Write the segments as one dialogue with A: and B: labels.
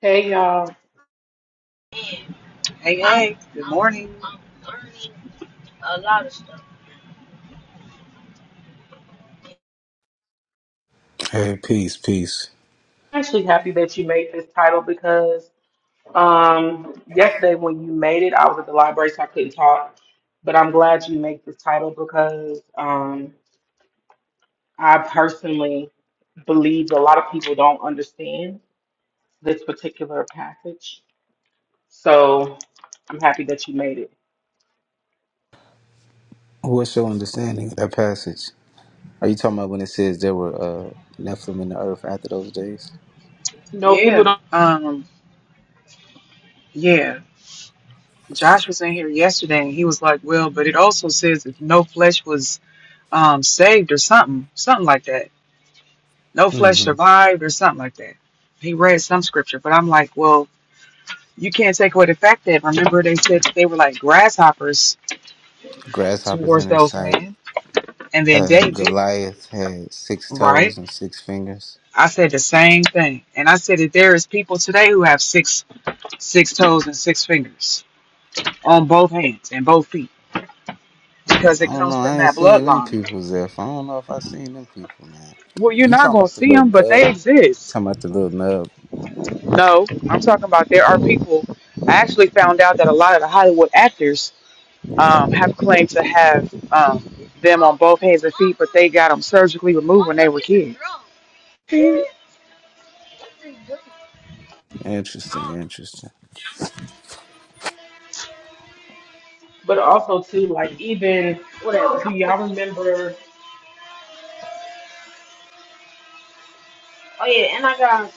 A: Hey y'all.
B: Hey, I'm, hey, good I'm, morning. I'm a lot of stuff.
C: Hey, peace, peace.
A: I'm actually happy that you made this title because um yesterday when you made it, I was at the library so I couldn't talk. But I'm glad you made this title because um I personally believe a lot of people don't understand this particular passage. So I'm happy that you made it.
C: What's your understanding of that passage? Are you talking about when it says there were uh, Nephilim in the earth after those days?
A: No, people
B: Yeah,
A: don't
B: um, yeah. Josh was in here yesterday and he was like, Well, but it also says if no flesh was um saved or something, something like that. No flesh
C: hmm
B: survived or something like that. He read some scripture, but I'm like, Well, you can't take away the fact that remember they said that they were like grasshoppers
C: Grasshoppers
B: towards
C: in their
B: those
C: sight.
B: men and then
C: Uh,
B: David,
C: Goliath had six
B: right?
C: toes and six fingers.
B: I said the same thing. And I said that there is people today who have six six toes and six fingers. on both hands and both feet because
C: I
B: it
C: don't know.
B: comes from
C: I ain't
B: that
C: seen them
B: bloodline.
C: people, Zeph. I don't know if I seen them people, man.
B: Well, you're
C: You
B: not
C: talking
B: going to
C: about the
B: see
C: little
B: them, but they
C: nub? You
B: exist.
C: talking about the little nub?
B: No, I'm talking about there are people. I actually found out that a lot of the Hollywood actors um, have claimed to have um, them on both hands and feet, but they got them surgically removed when they were kids.
C: Interesting, interesting.
A: but also too like even
B: Whatever.
A: do y'all remember
B: Oh yeah, and I got.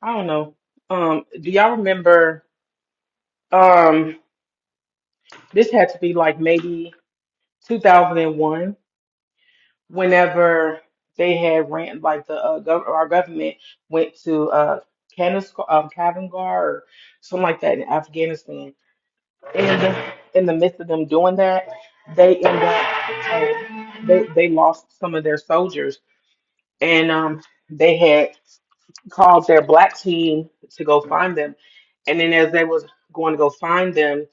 A: I don't know. Um do y'all remember um this had to be like maybe 2001 whenever they had ran like the uh, gov- our government went to uh Kanis- um, Kandahar or something like that in Afghanistan and in the, in the midst of them doing that they end up um, they, they lost some of their soldiers and um they had called their black team to go find them and then as they was going to go find them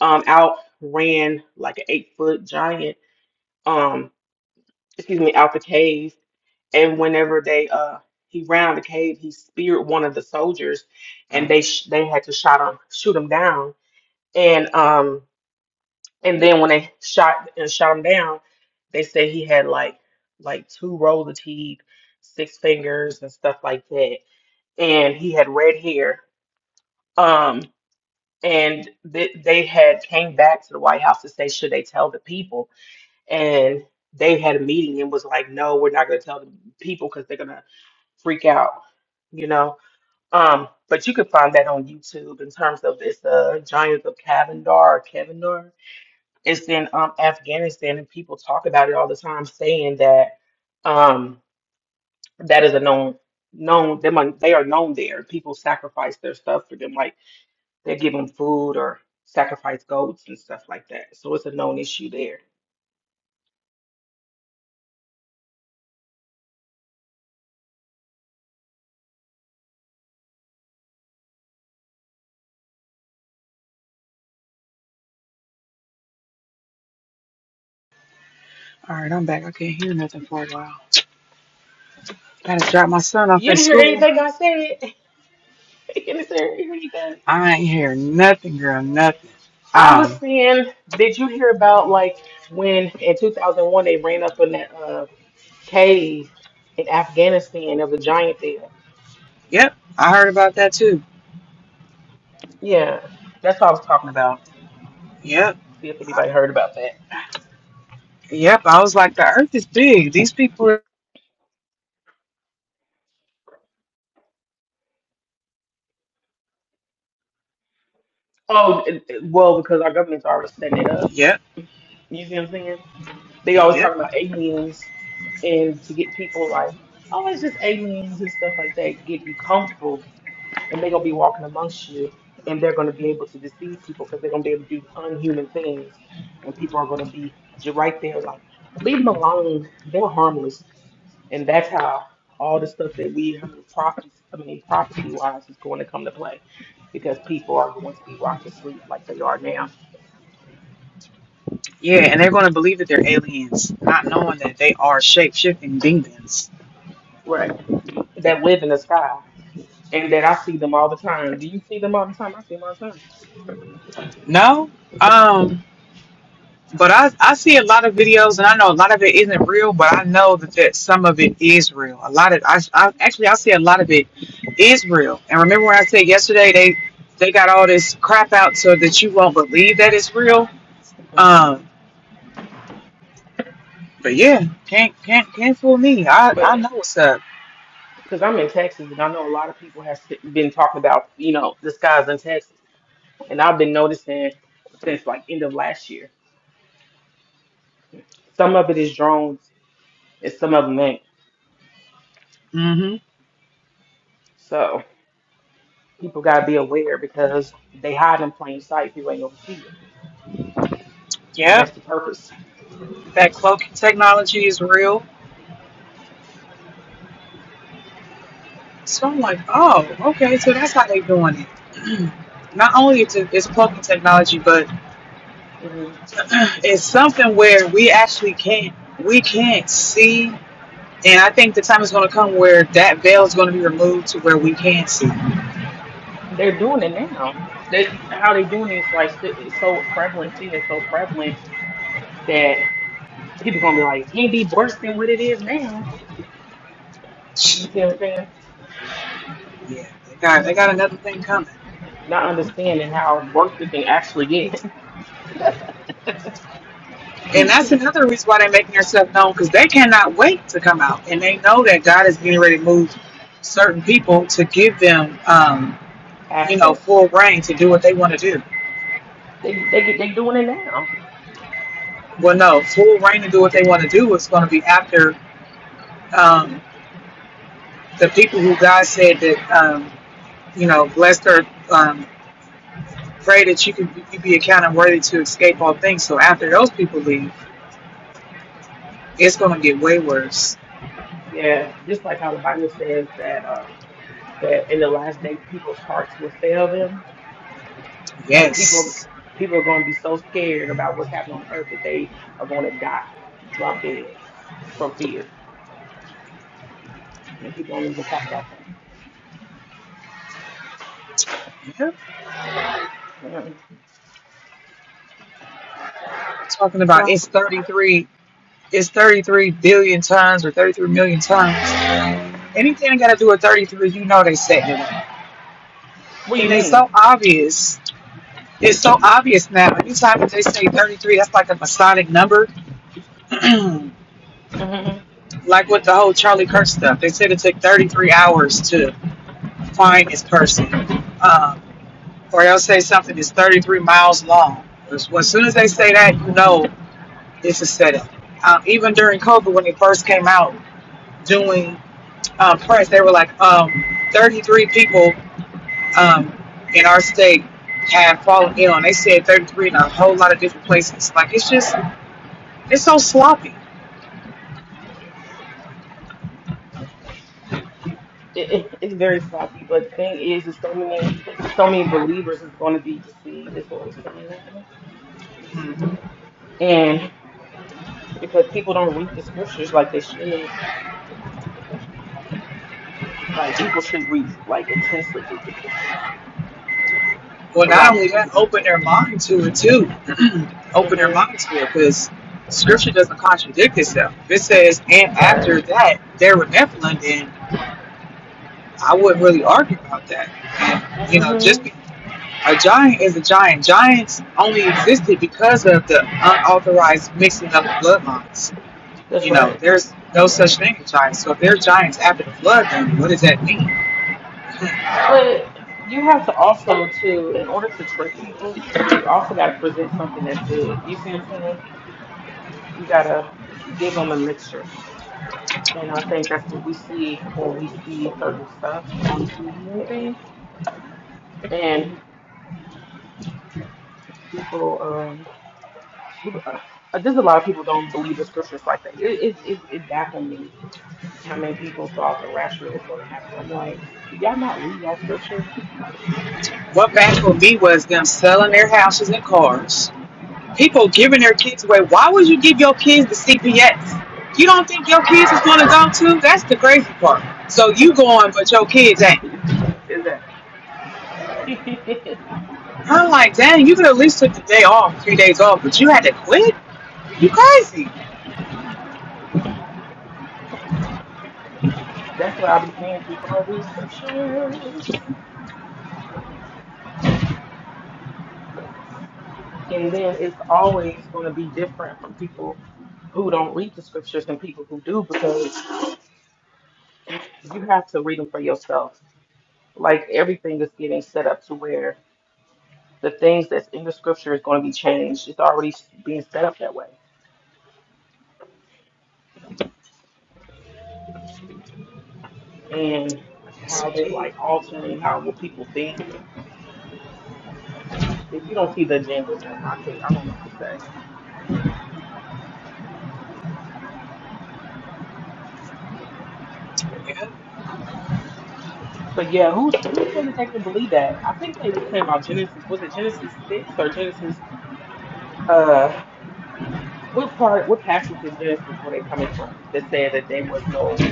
A: um out ran like an eight foot giant um excuse me out the cave and whenever they uh he rounded the cave, he speared one of the soldiers, and they sh- they had to shot him, shoot him down. And um and then when they shot and shot him down, they said he had like like two rows of teeth, six fingers, and stuff like that. And he had red hair. Um and th- they had came back to the White House to say should they tell the people, and they had a meeting and was like, no, we're not going to tell the people because they're gonna freak out, you know. Um, but you can find that on YouTube in terms of it's the Giants of Kavendar or Kevindar. It's in um, Afghanistan, and people talk about it all the time, saying that um, that is a known known them are- they are known there. People sacrifice their stuff for them, like they give them food or sacrifice goats and stuff like that. So it's a known issue there.
B: All right, I'm back. I can't hear nothing for a while. Gotta drop my son off
A: You
B: at
A: didn't hear
B: school.
A: anything I said. you didn't hear anything.
B: I ain't hear nothing, girl, nothing.
A: I was
B: Um,
A: seeing, did you hear about like when in 2001 they ran up in that uh, cave in Afghanistan? There was a giant there.
B: yep, I heard about that too.
A: Yeah, that's what I was talking about.
B: Yep.
A: See if
B: I-
A: anybody heard about that.
B: Yep. I was like, the earth is big. These people are.
A: Oh, it- it- well, because our government's already setting it up.
B: Yep.
A: You see what I'm saying? They always
B: Yep.
A: talk about aliens and to get people like, oh, it's just aliens and stuff like that to get you comfortable. and they're gonna be walking amongst you, and they're gonna be able to deceive people because they're gonna be able to do unhuman things, and people are gonna be j- right there like, leave them alone. They're harmless, and that's how all the stuff that we heard prophecy. I mean prophecy wise, is going to come to play, because people are going to be rocked to sleep like they are now,
B: Yeah. And they're going to believe that they're aliens, not knowing that they are shape shifting demons.
A: Right. that live in the sky, and that I see them all the time. Do you see them all the time? I see them all the time.
B: No. Um, but I, I see a lot of videos and I know a lot of it isn't real, but I know that, that some of it is real. A lot of, I, I actually, I see a lot of it is real. And remember when I said yesterday, they, they got all this crap out so that you won't believe that it's real.
A: Uh huh.
B: Um, but yeah, can't, can't, can't fool me. I, I know what's up.
A: because I'm in Texas and I know a lot of people have s- been talking about, you know, the skies in Texas. And I've been noticing since like end of last year. Some of it is drones and some of them ain't.
B: hmm
A: So people got to be aware because they hide in plain sight. People ain't gonna see them.
B: Yep.
A: that's the purpose.
B: That cloaking technology is real. So I'm like, oh, okay, so that's how they're doing it. Not only it's, it's cloaking technology, but
A: hmm
B: it's something where we actually can't we can't see. And I think the time is going to come where that veil is going to be removed to where we can't see.
A: They're doing it now. They How they doing it is like s- it's so prevalent, seen it's so prevalent that people gonna be like, it can't be worse than what it is now. You see what I'm saying?
B: Yeah, they got they got another thing coming,
A: Not understanding how worse it can actually get.
B: and that's another reason why they're making themselves known because they cannot wait to come out, and they know that God is getting ready to move certain people to give them. Um, you know,
A: Access.
B: full reign to do what they want to do.
A: They they get they doing it now.
B: Well, no, full reign to do what they want to do is going to be after um, the people who God said that, um, you know, blessed or um, pray that you can you be accounted worthy to escape all things. So after those people leave, it's going to get way worse.
A: Yeah, just like how the Bible says that um that in the last day people's hearts will fail them. Like people
B: Yes.
A: people are going to be so scared about what's happening on earth that they are going to die, drop dead from fear. And people don't even talk about that.
B: Yep.
A: Yeah.
B: Talking about it's
A: So
B: 33, it's 33 billion times or 33 million times. Anything got to do with 33, you know they setting it up.
A: what do
B: And
A: you
B: they
A: mean?
B: so obvious It's so obvious now. Anytime that they say 33, that's like a Masonic number.
A: hmm
B: Like with the whole Charlie Kirk stuff, they said it took 33 hours to find this person. Um, or they'll say something that's 33 miles long. As, well, as soon as they say that, you know it's a setup. Um, even during COVID, when they first came out doing um, press, they were like, um, 33 people um, in our state have fallen ill. And they said 33 in a whole lot of different places. Like, it's just, it's so sloppy.
A: It, it, it's very sloppy, but the thing is, is so many so many believers is going to be deceived. Is what we're saying. now. because people don't read the scriptures like they should. Like people should read, like intensely read the scriptures.
B: Well,
A: But a
B: not
A: lot of
B: only
A: people
B: that,
A: do not.
B: open their mind to it too. open their
A: hmm
B: mind to it because scripture doesn't contradict itself. If it says, and
A: Right.
B: after that, they were Nephilim, then I wouldn't really argue about that. You know, just
A: hmm
B: be, a giant is a giant. Giants only existed because of the unauthorized mixing of the bloodlines.
A: That's
B: You know,
A: right.
B: there's no such
A: Right.
B: thing as giants. So if they're giants after the flood, then what does that mean?
A: But you have to also to in order to trick people, you also got to present something that's good. You see what I'm saying? You gotta give them a mixture. And I think that's what we see when we see certain stuff on TV and things. And people, um, people, uh, just a lot of people don't believe the scriptures like that. It it it, it baffled me how many people thought the rapture was going to happen. I'm like, do y'all not read y'all scripture?
B: What baffled me was them selling their houses and cars People giving their kids away. Why would you give your kids to CPS? You don't think your kids is going to go to? That's the crazy part. So you going, but your kids ain't.
A: Is, is that
B: I'm like, dang, you could at least took the day off, three days off, but you had to quit? You crazy.
A: that's what i be saying. People don't read scriptures, and then it's always going to be different from people who don't read the scriptures and people who do because you have to read them for yourself. Like everything is getting set up to where the things that's in the scripture is going to be changed. It's already being set up that way. and
B: Yes,
A: how they
B: indeed.
A: like altering how what people think. If you don't see the agenda, then I can't. I don't know what to say.
B: Yeah.
A: But yeah, who who said that they didn't believe that? I think they were saying about Genesis. Was it Genesis six or Genesis? Uh, what part? What passage in Genesis were they coming from that said that there was no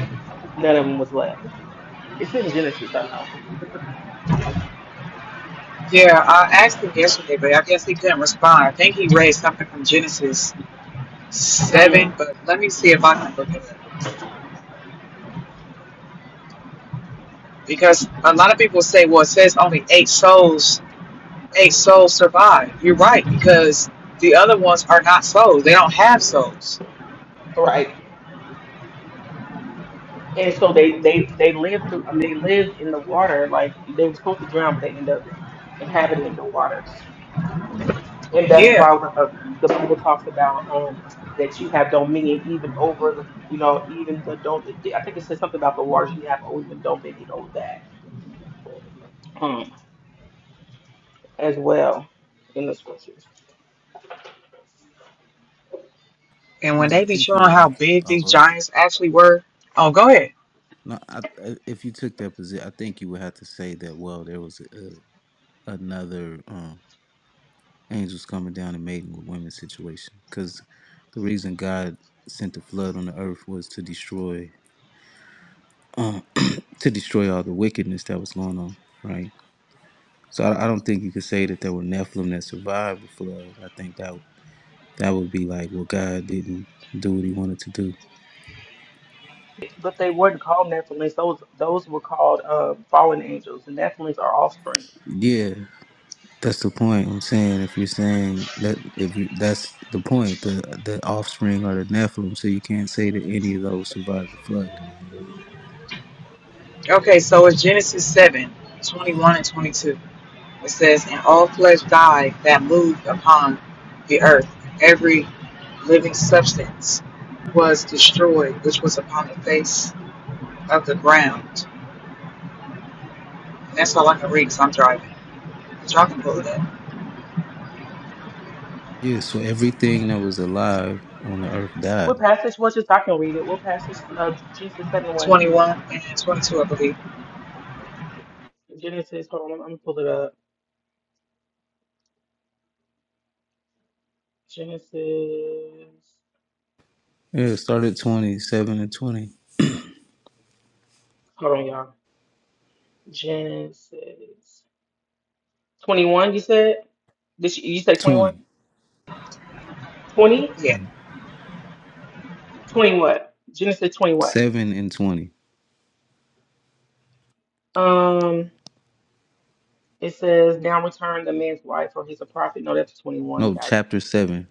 A: none of them was left? It's in Genesis, I know.
B: Yeah, I asked him yesterday, but I guess he couldn't respond. I think he read something from Genesis
A: hmm
B: 7, but let me see if I can look at it. up. Because a lot of people say, well, it says only eight souls a soul survive. You're right, because the other ones are not souls. They don't have souls.
A: Right. And so they they they lived through. I mean, they lived in the water like they were supposed to drown, but they ended up inhabiting the water. and that's
B: Yeah.
A: why uh, the Bible talks about um, that you have dominion even over the, you know, even the don't. I think it says something about the waters you have, or even dominion over that um, as well in the scriptures.
B: And when
C: No, I
B: they be
C: think you
B: showing
C: would
B: how
C: have to.
B: big
C: Oh,
B: these
C: go ahead.
B: giants actually were, oh, go ahead.
C: No, I, I, if you took that position, I think you would have to say that. Well, there was. another um, angels coming down and mating with women situation. Because the reason God sent the flood on the earth was to destroy uh, to destroy all the wickedness that was going on, right? So I, I don't think you could say that there were Nephilim that survived the flood. I think that that would be like, well, God didn't do what He wanted to do.
A: But they weren't called Nephilims; those those were called um, fallen angels. The Nephilims are offspring.
C: Yeah, that's the point. I'm saying if you're saying that if you, that's the point, the the offspring are the Nephilim, so you can't say that any of those survived the flood.
B: Okay, so it's Genesis 7, 21 and 22. It says, And all flesh died that moved upon the earth. Every living substance was destroyed, which was upon the face of the ground. And that's all I can read because I'm driving. But y'all can pull it up.
C: Yeah, so everything that was alive on the earth
A: What
C: died.
A: passage was this? I can read it. What passage? Uh, Genesis seven one.
B: 21 and 22, I believe.
A: Genesis. Hold on, I'm, gonna pull it up. Genesis.
C: Yeah, it started 20 7 and 20.
A: Hold on, y'all. Genesis. 21, you said? Did you, you say 21?
C: 20.
A: 20?
B: Yeah.
C: Yeah.
A: 20 what? Genesis 20 what?
C: 7 and 20.
A: Um, it says, now return the man's wife for he's a prophet. No, that's 21. It
C: No,
A: gotta be.
C: chapter 7,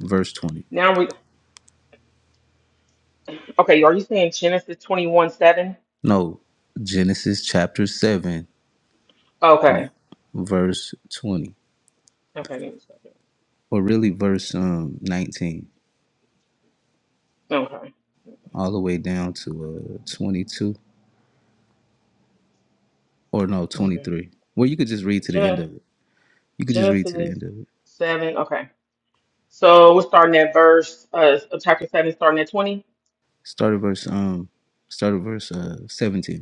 C: verse 20.
A: Now, we. okay, are you saying Genesis 21 7?
C: No, Genesis chapter 7,
A: Okay.
C: verse 20.
A: Okay, give me a second.
C: Or really verse um 19,
A: Okay.
C: all the way down to uh 22, or no,
A: Okay.
C: 23. Well, you could just read to the end
A: Gen-
C: of it. You could just read to the
A: Genesis
C: end of it.
A: 7. Okay. So we're starting at verse, uh, of chapter 7, starting at twenty
C: Start at verse um start at verse uh 17.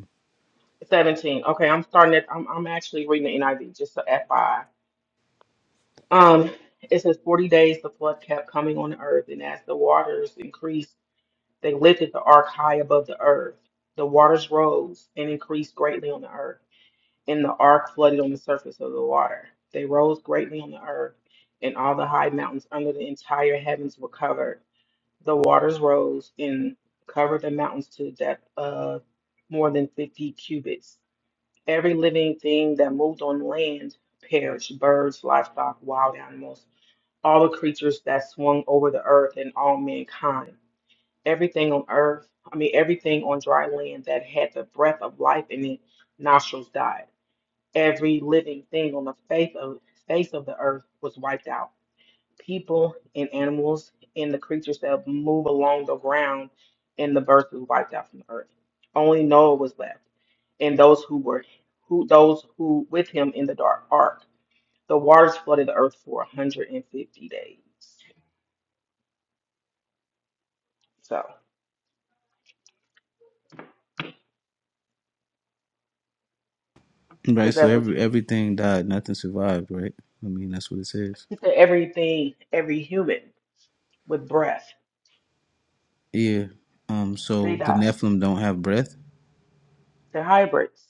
A: seventeen. Okay, I'm starting at, I'm, I'm actually reading the NIV, just so FYI. Um, it says 40 days the flood kept coming on the earth, and as the waters increased, they lifted the ark high above the earth. The waters rose and increased greatly on the earth, and the ark flooded on the surface of the water. They rose greatly on the earth, and all the high mountains under the entire heavens were covered. The waters rose and covered the mountains to the depth of more than 50 cubits. Every living thing that moved on land perished birds, livestock, wild animals all the creatures that swung over the earth and all mankind. Everything on earth, I mean, everything on dry land that had the breath of life in its nostrils died. Every living thing on the face of, face of the earth was wiped out. People and animals and the creatures that move along the ground and the birds were wiped out from the earth. Only Noah was left, and those who were who those who with him in the dark ark. The waters flooded the earth for one hundred and fifty days. So.
C: Right,
A: Is
C: so
A: that what
C: every
A: you?
C: everything died, nothing survived, right? I mean, that's what it says.
A: He said everything, every human with breath,
C: Yeah. Um.
A: they
C: So the
A: die.
C: Nephilim don't have breath.
A: They're hybrids.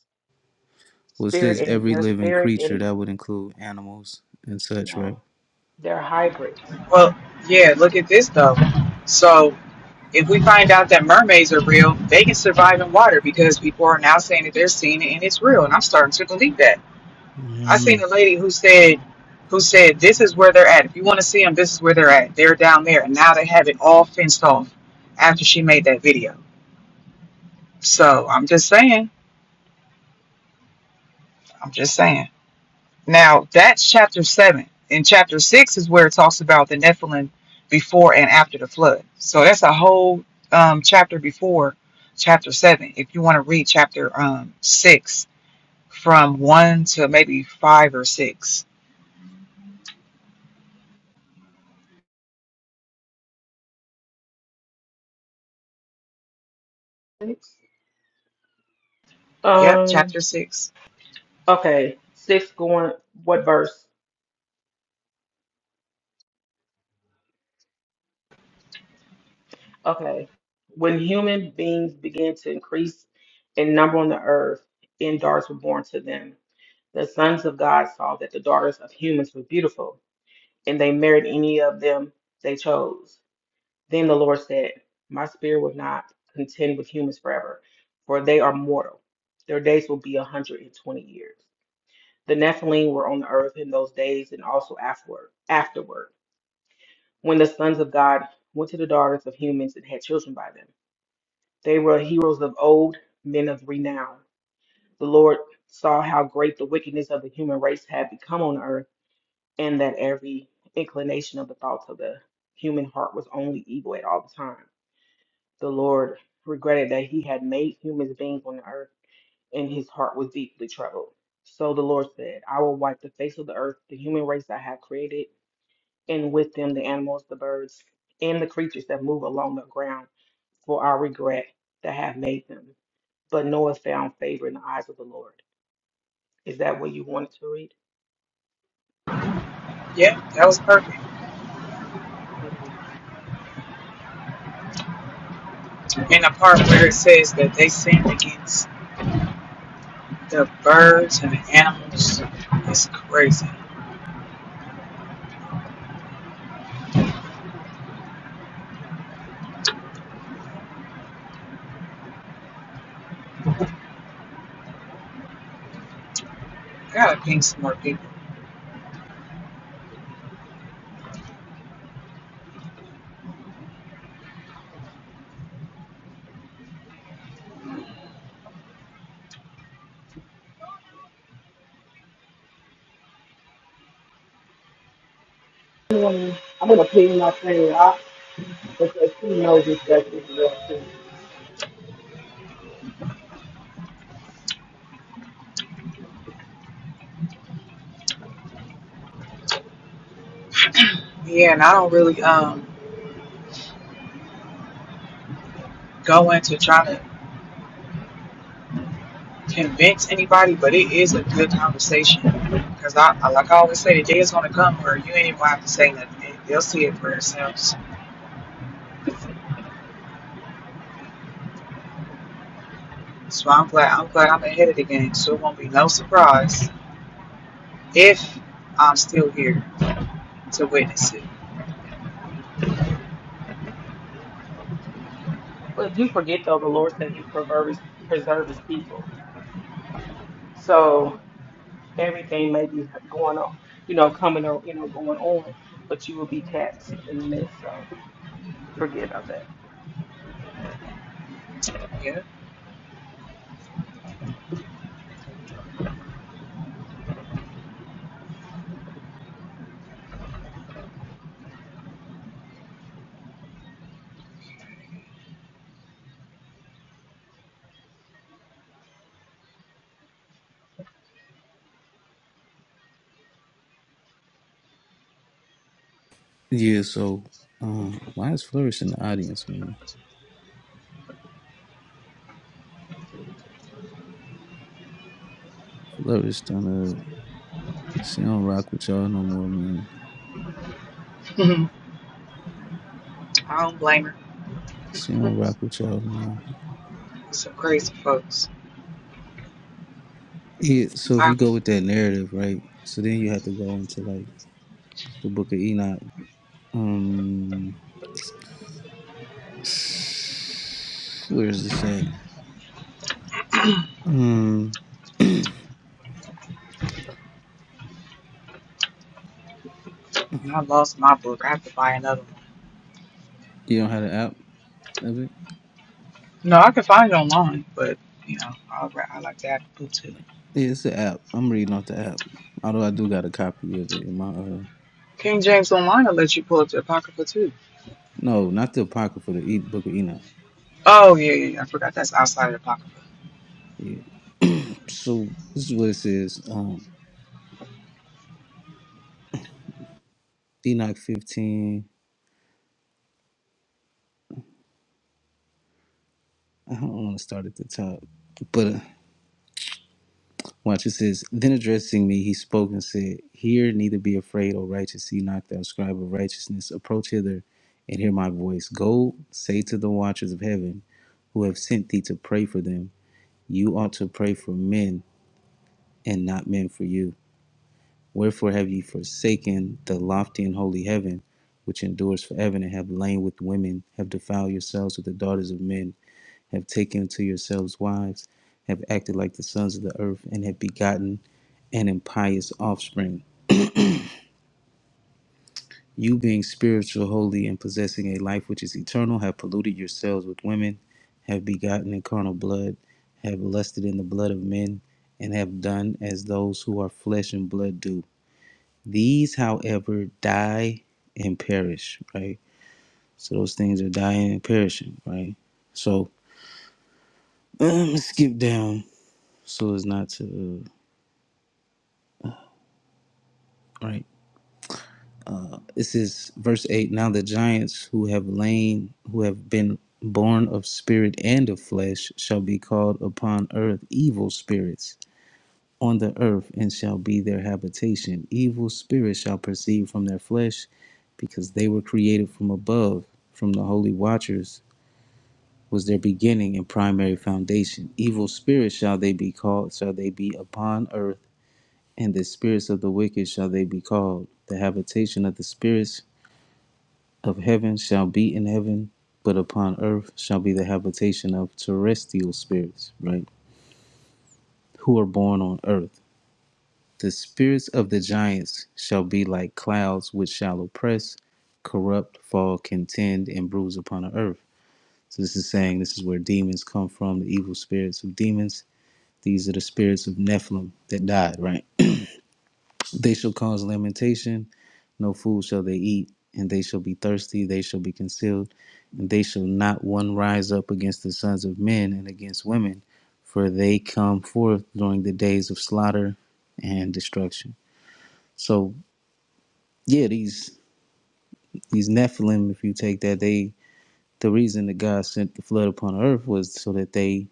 C: Well, it says
A: Spirit and
C: every
A: their
C: living
A: spirit
C: creature
A: and
C: that would include animals and such, right?
A: no, they're hybrids.
B: Well, yeah, look at this though. So if we find out that mermaids are real, they can survive in water because people are now saying that they're seeing it and it's real. And I'm starting to believe that. I seen
C: Mm.
B: a lady who said, who said, this is where they're at. If you want to see them, this is where they're at. They're down there. And now they have it all fenced off after she made that video. So I'm just saying, I'm just saying. Now that's chapter seven. In chapter six is where it talks about the Nephilim before and after the flood. So that's a whole um, chapter before chapter seven. If you want to read chapter um, six from one to maybe five or six.
A: Six.
B: Yep,
A: Um.
B: chapter six.
A: Okay. Six going. What verse? Okay. When human beings began to increase in number on the earth, and daughters were born to them. The sons of God saw that the daughters of humans were beautiful, and they married any of them they chose. Then the Lord said, My spirit will not contend with humans forever, for they are mortal. Their days will be a 120 years. The Nephilim were on the earth in those days and also afterward, afterward, when the sons of God went to the daughters of humans and had children by them. They were heroes of old, men of renown. The Lord saw how great the wickedness of the human race had become on earth, and that every inclination of the thoughts of the human heart was only evil at all the time. The Lord regretted that he had made human beings on the earth, and his heart was deeply troubled. So the Lord said, I will wipe the face of the earth, the human race I have created, and with them the animals, the birds, and the creatures that move along the ground, for I regret that have made them. But Noah found favor in the eyes of the Lord. Is that what you wanted to read?
B: Yep, that was perfect.
A: Okay.
B: And the part where it says that they sinned against the birds and the animals is crazy. Gotta ping some more people.
A: I'm gonna plead my friend out because he knows this stuff is real too.
B: Yeah, and I don't really um go into trying to convince anybody, but it is a good conversation. Because I, I, like I always say, the day is gonna come where you ain't even gonna have to say nothing. They'll see it for themselves. So I'm glad I'm glad I'm ahead of the game. So it won't be no surprise if I'm still here to witness it.
A: But you forget though, the Lord said He preserves preserve His people. So everything may be going on, you know, coming or you know, going on, but you will be cats in the midst. So forget about that.
B: Yeah.
C: Yeah. So, um, why is Flourish in the audience, man? Flourish done uh She don't rock with y'all no more, man.
B: I don't blame her.
C: She don't rock with y'all, man.
B: some crazy folks.
C: Yeah. So if
B: I
C: you go with that narrative, right? So then you have to go into like the Book of Enoch. Um. Where is this at? Hmm.
B: I lost my book. I have to buy another one.
C: You don't have the app of it?
B: No, I can find it online, but you know, I I like to have the book too.
C: Yeah, it's the app. I'm reading off the app. Although I do got a copy of it in my uh
B: King James Online will let you pull up the Apocrypha too.
C: no, not the Apocrypha, the e- book of Enoch.
B: Oh yeah, yeah, yeah. I forgot that's outside of the Apocrypha.
C: Yeah. So this is what it says. Um Enoch fifteen. I don't want to start at the top. But uh, Watch it says, Then addressing me, he spoke and said, Hear, neither be afraid, O righteous Enoch, thou scribe of righteousness. Approach hither and hear my voice. Go, say to the watchers of heaven, who have sent thee to pray for them, you ought to pray for men, and not men for you. Wherefore have ye forsaken the lofty and holy heaven, which endures forever, and have lain with women, have defiled yourselves with the daughters of men have taken to yourselves wives, have acted like the sons of the earth, and have begotten an impious offspring. You, being spiritual, holy, and possessing a life which is eternal, have polluted yourselves with women, have begotten in carnal blood, have lusted in the blood of men, and have done as those who are flesh and blood do. These, however, die and perish, right? So those things are dying and perishing, right? So let's skip down so as not to, uh, right? This is verse 8. Now the giants who have lain, who have been born of spirit and of flesh, shall be called upon earth evil spirits on the earth, and shall be their habitation. Evil spirits shall proceed from their flesh, because they were created from above, from the holy watchers was their beginning and primary foundation. Evil spirits shall they be called, shall they be upon earth, and the spirits of the wicked shall they be called. The habitation of the spirits of heaven shall be in heaven, but upon earth shall be the habitation of terrestrial spirits, right? Who are born on earth. The spirits of the giants shall be like clouds which shall oppress, corrupt, fall, contend, and bruise upon the earth. So this is saying this is where demons come from, the evil spirits of demons. These are the spirits of Nephilim that died, right? They shall cause lamentation No food shall they eat, and they shall be thirsty, they shall be concealed, and they shall not one rise up against the sons of men and against women, for they come forth during the days of slaughter and destruction. So yeah, these these Nephilim, if you take that, they the reason that God sent the flood upon the earth was so that they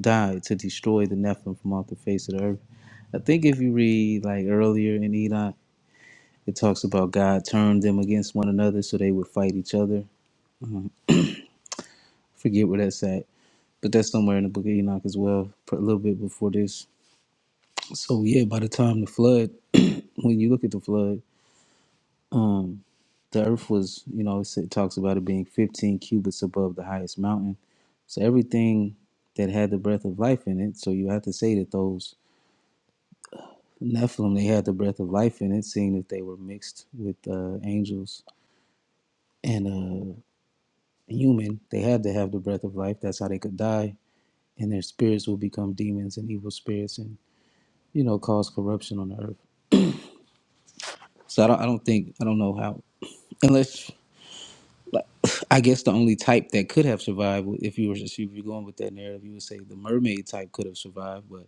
C: died to destroy the Nephilim from off the face of the earth. I think if you read like earlier in Enoch, it talks about God turned them against one another so they would fight each other. forget where that's at, but that's somewhere in the book of Enoch as well, a little bit before this. So yeah, by the time the flood, when you look at the flood, um, the earth was, you know, it said- talks about it being 15 cubits above the highest mountain. So everything that had the breath of life in it, so you have to say that those Nephilim, they had the breath of life in it, seeing that they were mixed with uh, angels and uh, human, they had to have the breath of life. That's how they could die, and their spirits will become demons and evil spirits and. you know, cause corruption on the earth. So I don't, I don't think, I don't know how, unless I guess the only type that could have survived, if you were if you are going with that narrative, you would say the mermaid type could have survived, but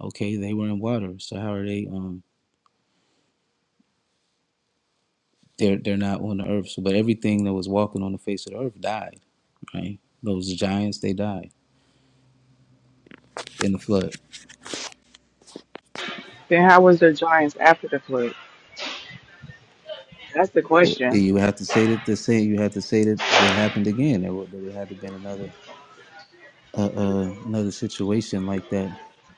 C: okay, they were in water, so how are they? Um, they're they're not on the earth. So, but everything that was walking on the face of the earth died, right? Those giants, they died in the flood.
B: Then how was the Giants after the flood? That's the
C: Well,
B: question.
C: you would have to say that the same. You have to say that it happened again. There would there would have to been another. uh, uh, another situation like that.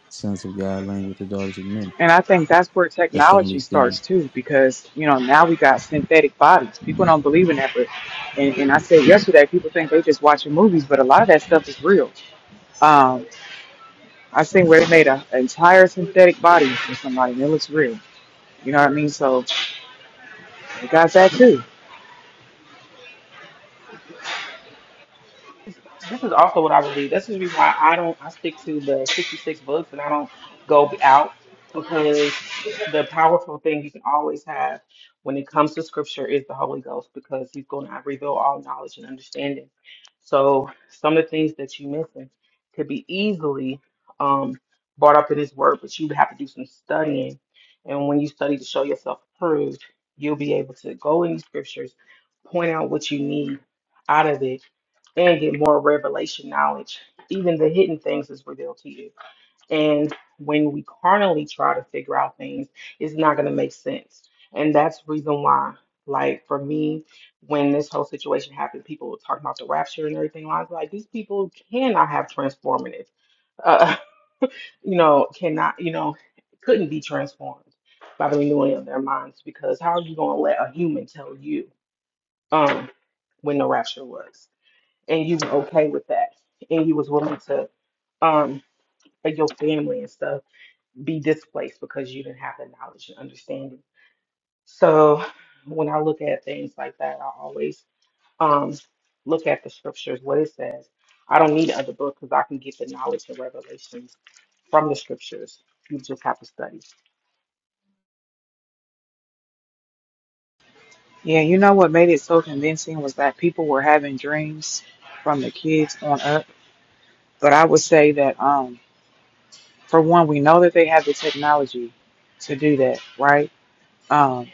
C: Sons of God laying with the daughters of men.
B: And I think that's where
C: That's the
B: technology
C: only thing.
B: starts too, because you know now we got synthetic bodies. People don't believe in that, but and, and I said yesterday, people think they just watching movies, but a lot of that stuff is real. Um, I seen where they made a, an entire synthetic body for somebody, and it looks real. You know what I mean? So we got that too.
A: is- this is also what I believe. That's the reason why I don't. I stick to the 66 books and I don't go out because the powerful thing you can always have when it comes to scripture is the Holy Ghost because He's going to reveal all knowledge and understanding. So some of the things that you missing could be easily um, brought up in His Word, but you would have to do some studying. And when you study to show yourself approved, you'll be able to go in the scriptures, point out what you need out of it and get more revelation knowledge. Even the hidden things is revealed to you. And when we carnally try to figure out things, it's not going to make sense. And that's the reason why, like for me, when this whole situation happened, people were talking about the rapture and everything. I was like, these people cannot have transformative, uh, you know, cannot, you know, couldn't be transformed by the renewing of their minds because how are you going to let a human tell you um, when the rapture was? and you were okay with that and you was willing to um for your family and stuff be displaced because you didn't have the knowledge and understanding so when i look at things like that i always um look at the scriptures what it says i don't need other book because i can get the knowledge and revelations from the scriptures you just have to study
B: Yeah, you know what made it so convincing was that people were having dreams from the kids on up But I would say that, um, for one, we know that they have the technology to do that, right? Um,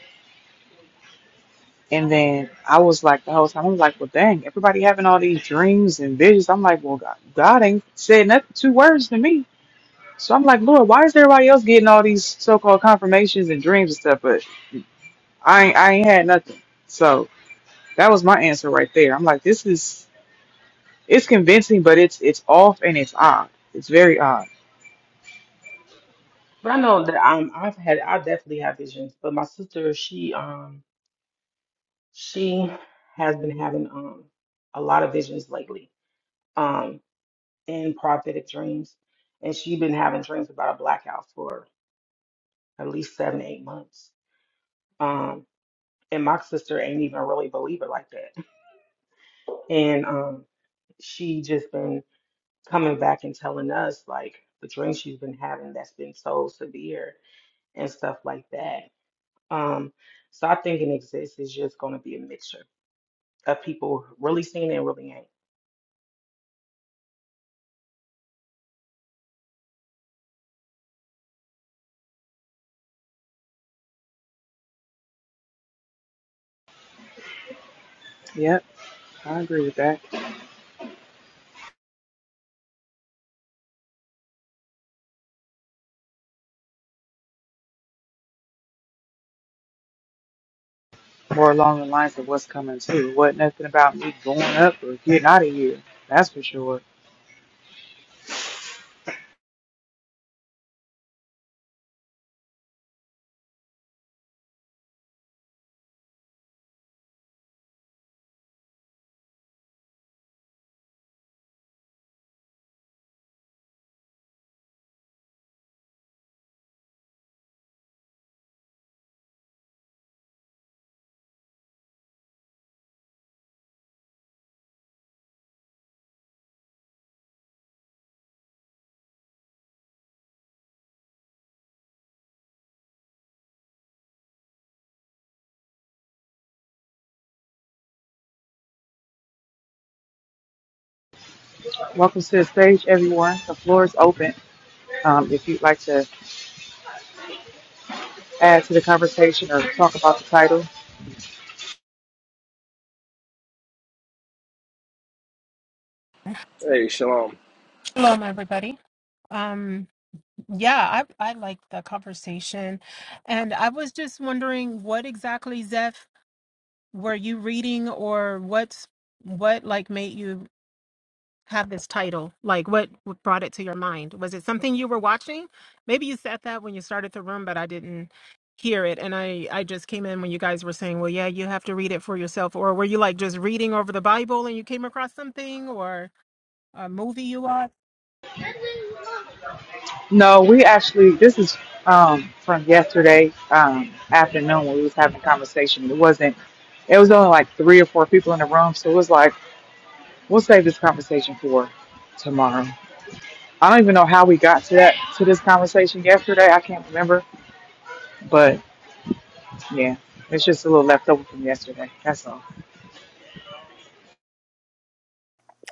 B: and then I was like, the whole time, I'm like, well, dang, everybody having all these dreams and visions. I'm like, well, God, God ain't said nothing, two words to me. So I'm like, Lord, why is everybody else getting all these so-called confirmations and dreams and stuff? But I ain't, I ain't had nothing. So that was my answer right there. I'm like, this is, it's convincing, but it's, it's off and it's odd. It's very odd.
A: but i know that um, i've had i definitely have visions but my sister she um she has been having um a lot of visions lately Um. in prophetic dreams, and she'd been having dreams about a black house for at least seven, eight months. Um, and my sister ain't even a really a believer like that. And um, she just been coming back and telling us like the dream she's been having that's been so severe and stuff like that. Um, so I think an exists is just going to be a mixture of people really seeing it and really ain't.
B: Yep, I agree with that. More along the lines of what's coming too. What nothing about me going up or getting out of here. That's for sure. Welcome to the stage, everyone. The floor is open. Um, if you'd like to add to the conversation or talk about the title.
D: Hey, shalom.
E: Hello, everybody. Um, yeah, I I like the conversation, and I was just wondering what exactly, Zeph, were you reading, or what's what like made you have this title? Like, what what brought it to your mind? Was it something you were watching? Maybe you said that when you started the room, but I didn't hear it, and I I just came in when you guys were saying, well, yeah, you have to read it for yourself, or were you like just reading over the Bible and you came across something or a movie you watched?
B: No, we actually this is um from yesterday um afternoon when we was having a conversation. It wasn't it was only like three or four people in the room, so it was like, we'll save this conversation for tomorrow. I don't even know how we got to that to this conversation yesterday. I can't remember. but. Yeah, it's just a little left over from yesterday. That's all.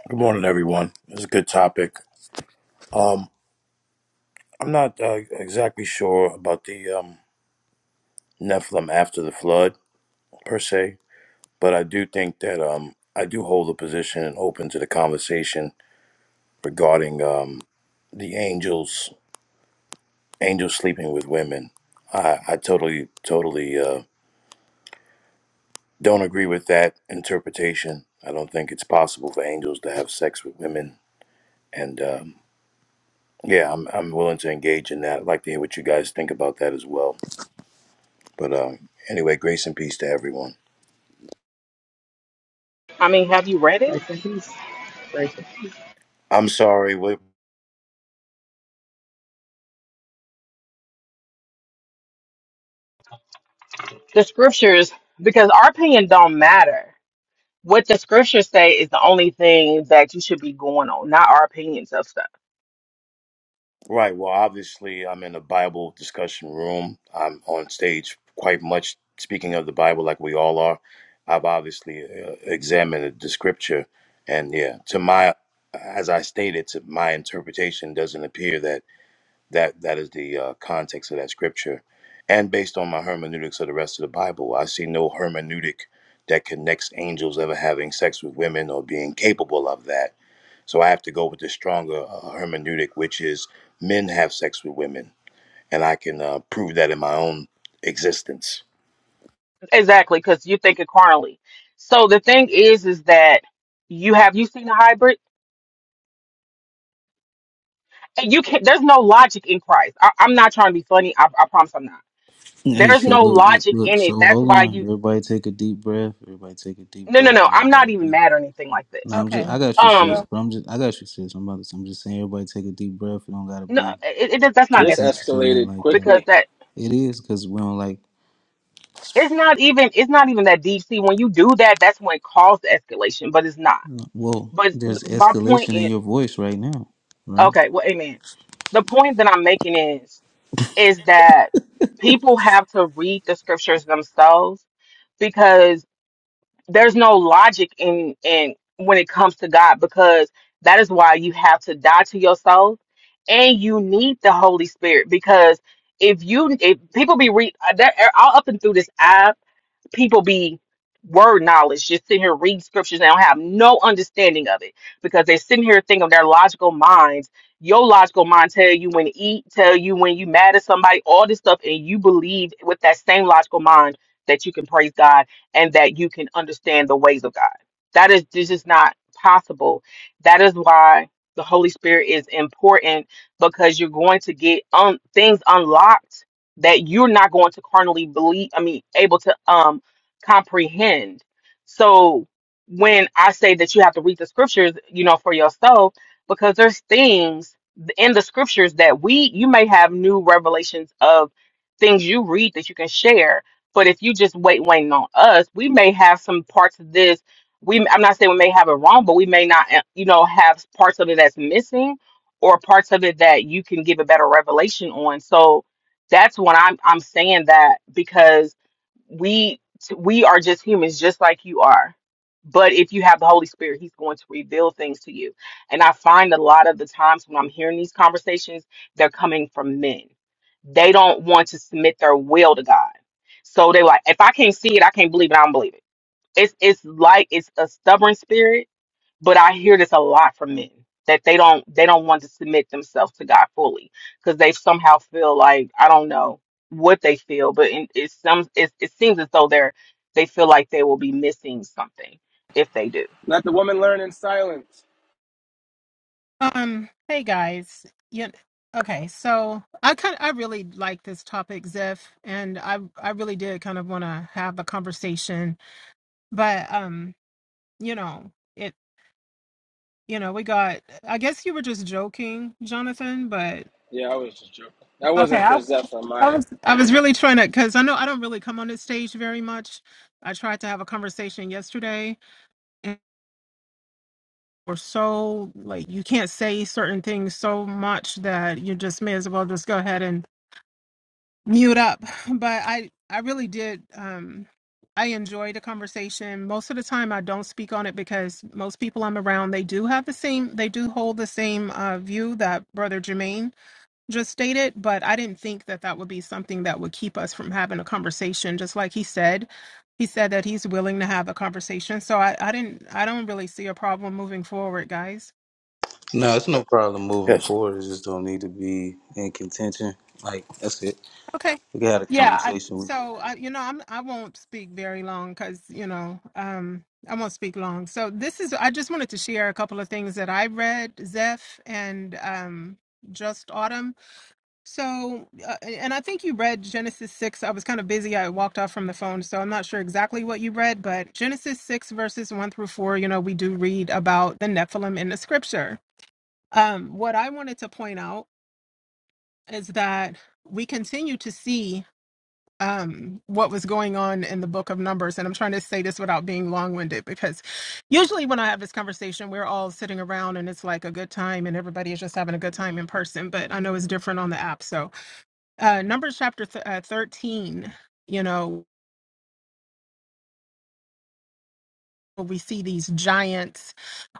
F: Good morning, everyone. It's a good topic. Um, I'm not uh, exactly sure about the um, Nephilim after the flood per se, but I do think that um, I do hold a position open to the conversation regarding um, the angels, angels sleeping with women. I, I totally, totally uh, don't agree with that interpretation. I don't think it's possible for angels to have sex with women, and um, yeah, I'm, I'm willing to engage in that. I'd like to hear what you guys think about that as well. But um, anyway, grace and peace to everyone.
A: I mean, have you read it?
B: Rest in peace. Rachel.
F: I'm sorry. What,
A: The scriptures, because our opinion don't matter. What the scriptures say is the only thing that you should be going on, not our opinions of stuff.
F: right. Well, obviously, I'm in a Bible discussion room. I'm on stage quite much speaking of the Bible, like we all are. I've obviously uh, examined the scripture, and yeah, to my, as I stated, to my interpretation, doesn't appear that that that is the uh, context of that scripture. And based on my hermeneutics of the rest of the Bible, I see no hermeneutic that connects angels ever having sex with women or being capable of that So I have to go with the stronger uh, hermeneutic, which is men have sex with women, and I can uh, prove that in my own existence.
A: Exactly, because you think it carnally. So the thing is, is that you have you seen the hybrid? you can't there's no logic in christ I, i'm not trying to be funny I, I promise i'm not
C: Hey,
A: there's
C: so
A: no
C: look, look,
A: logic
C: look.
A: in it
C: So
A: that's
C: hold
A: why
C: on.
A: you
C: Everybody take a deep breath. Everybody take a deep
A: no no
C: breath.
A: no
C: We
A: i'm
C: don't
A: not
C: gotta
A: even
C: be.
A: mad or anything like
C: No,
A: this
C: I'm just.
E: Okay.
C: I got you, sis.
A: um
C: But I'm just. I got you, sis. I'm about to. I'm just saying. Everybody take a deep breath. We don't gotta
A: no
C: be
A: it, it that's not
D: This
C: contentious
A: necessary
C: or nothing
D: escalated
C: like that.
A: because
D: quickly.
A: that
C: It is because we don't like.
A: it's not even it's not even that deep see when you do that that's when it caused the escalation but it's not
C: Well,
A: but
C: there's
A: my point
C: escalation in
A: is
C: your voice right now, right?
A: okay well amen the point that i'm making is is that people have to read the scriptures themselves there's no logic in in when it comes to God because that is why you have to die to yourself and you need the Holy Spirit because if you if people be re that all up and through this app people be word knowledge, just sitting here reading scriptures and don't have no understanding of it because they're sitting here thinking of their logical minds. Your logical mind tell you when to eat, tell you when you mad at somebody, all this stuff, and you believe with that same logical mind that you can praise God and that you can understand the ways of God. That is this is not possible. That is why the Holy Spirit is important because you're going to get um things unlocked that you're not going to carnally believe. I mean, able to um comprehend. So when I say that you have to read the scriptures, you know, for yourself, because there's things in the scriptures that we you may have new revelations of things you read that you can share. But if you just wait waiting on us, we may have some parts of this. We I'm not saying we may have it wrong, but we may not uh, you know have parts of it that's missing or parts of it that you can give a better revelation on. So that's when I'm I'm saying that because we we are just humans just like you are but if you have the holy spirit he's going to reveal things to you and i find a lot of the times when i'm hearing these conversations they're coming from men they don't want to submit their will to god so they like if i can't see it i can't believe it i don't believe it it's it's like it's a stubborn spirit but I hear this a lot from men that they don't they don't want to submit themselves to God fully because they somehow feel like I don't know what they feel, but in, it's some it, it seems as though they're they feel like they will be missing something if they do.
D: Let the woman learn in silence.
E: Um, hey guys. Yeah, okay, so I kind I really like this topic, Ziff, and I I really did kind of want to have a conversation, but um, you know, it you know, we got I guess you were just joking, Jonathan, but
D: Yeah, I was just joking. That
E: okay,
D: wasn't
E: I
D: for Zeph or
E: I
D: Maya.
E: was I was really trying to because I know I don't really come on this stage very much. I tried to have a conversation yesterday and we're so like you can't say certain things so much that you just may as well just go ahead and mute up but i i really did um i enjoyed the conversation most of the time i don't speak on it because most people i'm around they do have the same they do hold the same uh, view that brother jermaine just stated but i didn't think that that would be something that would keep us from having a conversation just like he said he said that he's willing to have a conversation so i i didn't i don't really see a problem moving forward guys
C: No, it's no problem moving
F: Yes.
C: forward. It just don't need to be in contention. Like that's it.
E: Okay.
C: We had a
E: Yeah. I,
C: conversation with
E: so I, you know, I'm I won't speak very long because you know, um, I won't speak long. So this is I just wanted to share a couple of things that I read, Zeph and um, Just Autumn. So, uh, and I think you read Genesis six. I was kind of busy. I walked off from the phone, so I'm not sure exactly what you read, but Genesis six verses one through four. You know, we do read about the Nephilim in the scripture. Um, what I wanted to point out is that we continue to see um, what was going on in the book of Numbers. And I'm trying to say this without being long winded because usually when I have this conversation, we're all sitting around and it's like a good time and everybody is just having a good time in person. But I know it's different on the app. So, uh, Numbers chapter th- uh, 13, you know. where we see these giants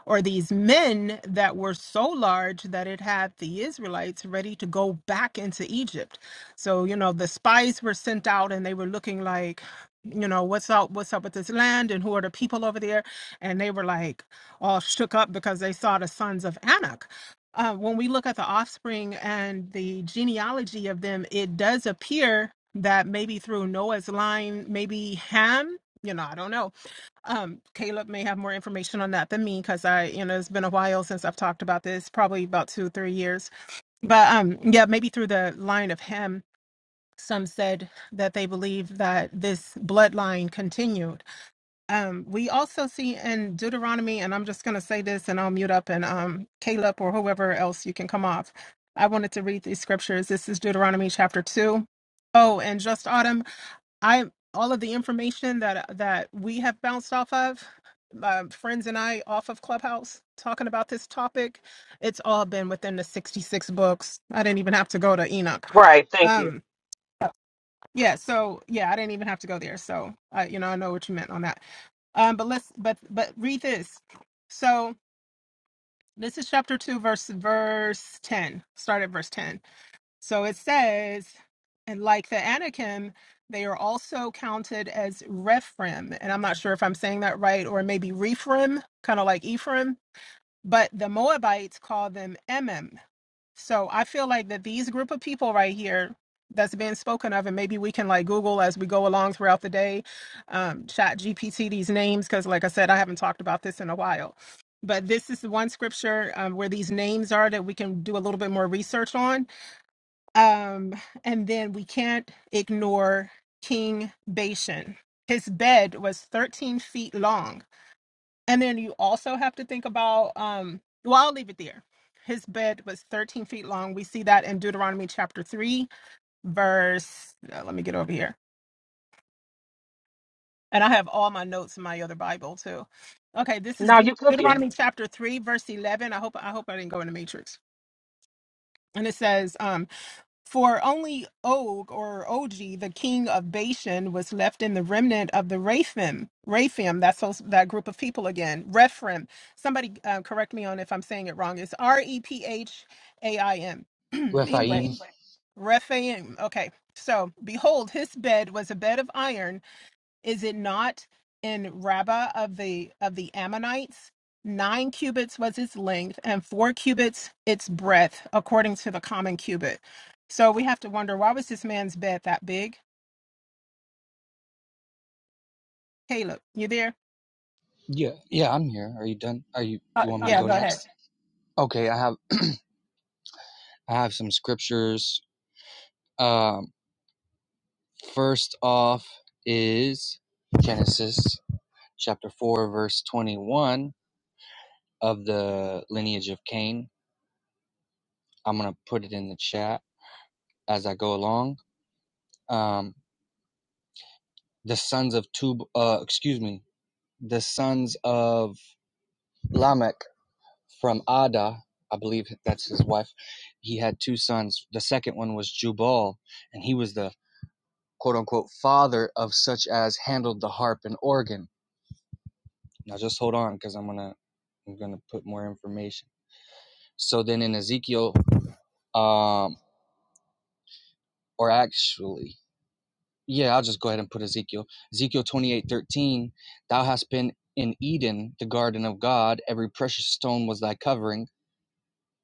E: or these men that were so large that it had the Israelites ready to go back into Egypt. So, you know, the spies were sent out and they were looking like, you know, what's up, what's up with this land and who are the people over there? And they were like all shook up because they saw the sons of Anak. Uh, when we look at the offspring and the genealogy of them, it does appear that maybe through Noah's line, maybe Ham, you know, I don't know um, Caleb may have more information on that than me because I, you know, it's been a while since I've talked about this, probably about two, three years. But um, yeah, maybe through the line of him, some said that they believe that this bloodline continued. Um, we also see in Deuteronomy, and I'm just going to say this and I'll mute up and um, Caleb or whoever else you can come off. I wanted to read these scriptures. This is Deuteronomy chapter 2. Oh, and just Autumn, I all of the information that that we have bounced off of my friends and I off of Clubhouse talking about this topic, it's all been within the 66 books. I didn't even have to go to Enoch.
A: Right. Thank you.
E: Um yeah, so yeah, I didn't even have to go there. So I you know, I know what you meant on that. Um but let's but but read this. So this is chapter 2 verse verse 10. Start at verse 10. So it says, and like the Anakim, they are also counted as Rephrim. And I'm not sure if I'm saying that right, or maybe Rephrim, kind of like Ephraim. But the Moabites call them Emim. So I feel like that these group of people right here that's being spoken of, and maybe we can like Google as we go along throughout the day, um, chat GPT these names, because like I said, I haven't talked about this in a while. But this is the one scripture um, where these names are that we can do a little bit more research on um, and then we can't ignore King Bashan. His bed was 13 feet long. And then you also have to think about, um, well, I'll leave it there. His bed was 13 feet long. We see that in Deuteronomy chapter 3, verse, uh, let me get over here. And I have all my notes in my other Bible too. Okay, this is
A: No,
E: Deut-
A: you cooking.
E: Deuteronomy chapter 3, verse 11. I hope I hope I didn't go in the matrix. And it says, um, For only Og or Ogi, the king of Bashan, was left in the remnant of the Raphim. Raphim, that's those, that group of people again. Rephraim. Somebody uh, correct me on if I'm saying it wrong. It's R E P H A I M. Anyway,
G: Rafael.
E: Rephaim. Okay. So behold, his bed was a bed of iron is it not in Rabbah of the of the Ammonites? Nine cubits was its length, and four cubits its breadth, according to the common cubit. So we have to wonder why was this man's bed that big? Caleb, you there?
G: Yeah, yeah, I'm here. Are you done? Are you
E: Uh,
G: you want me to
E: yeah,
G: go
E: go ahead.
G: next? Okay, I have I have some scriptures. Um first off is Genesis chapter 4 verse 21 of the lineage of Cain. I'm going to put it in the chat as I go along. Um the sons of Tub uh excuse me, the sons of Lamech from Ada, I believe that's his wife. He had two sons. The second one was Jubal, and he was the quote unquote father of such as handled the harp and organ. Now just hold on because I'm gonna I'm gonna put more information. So then in Ezekiel, um, or actually, yeah, I'll just go ahead and put Ezekiel. Ezekiel 28 13, thou hast been in Eden, the garden of God, every precious stone was thy covering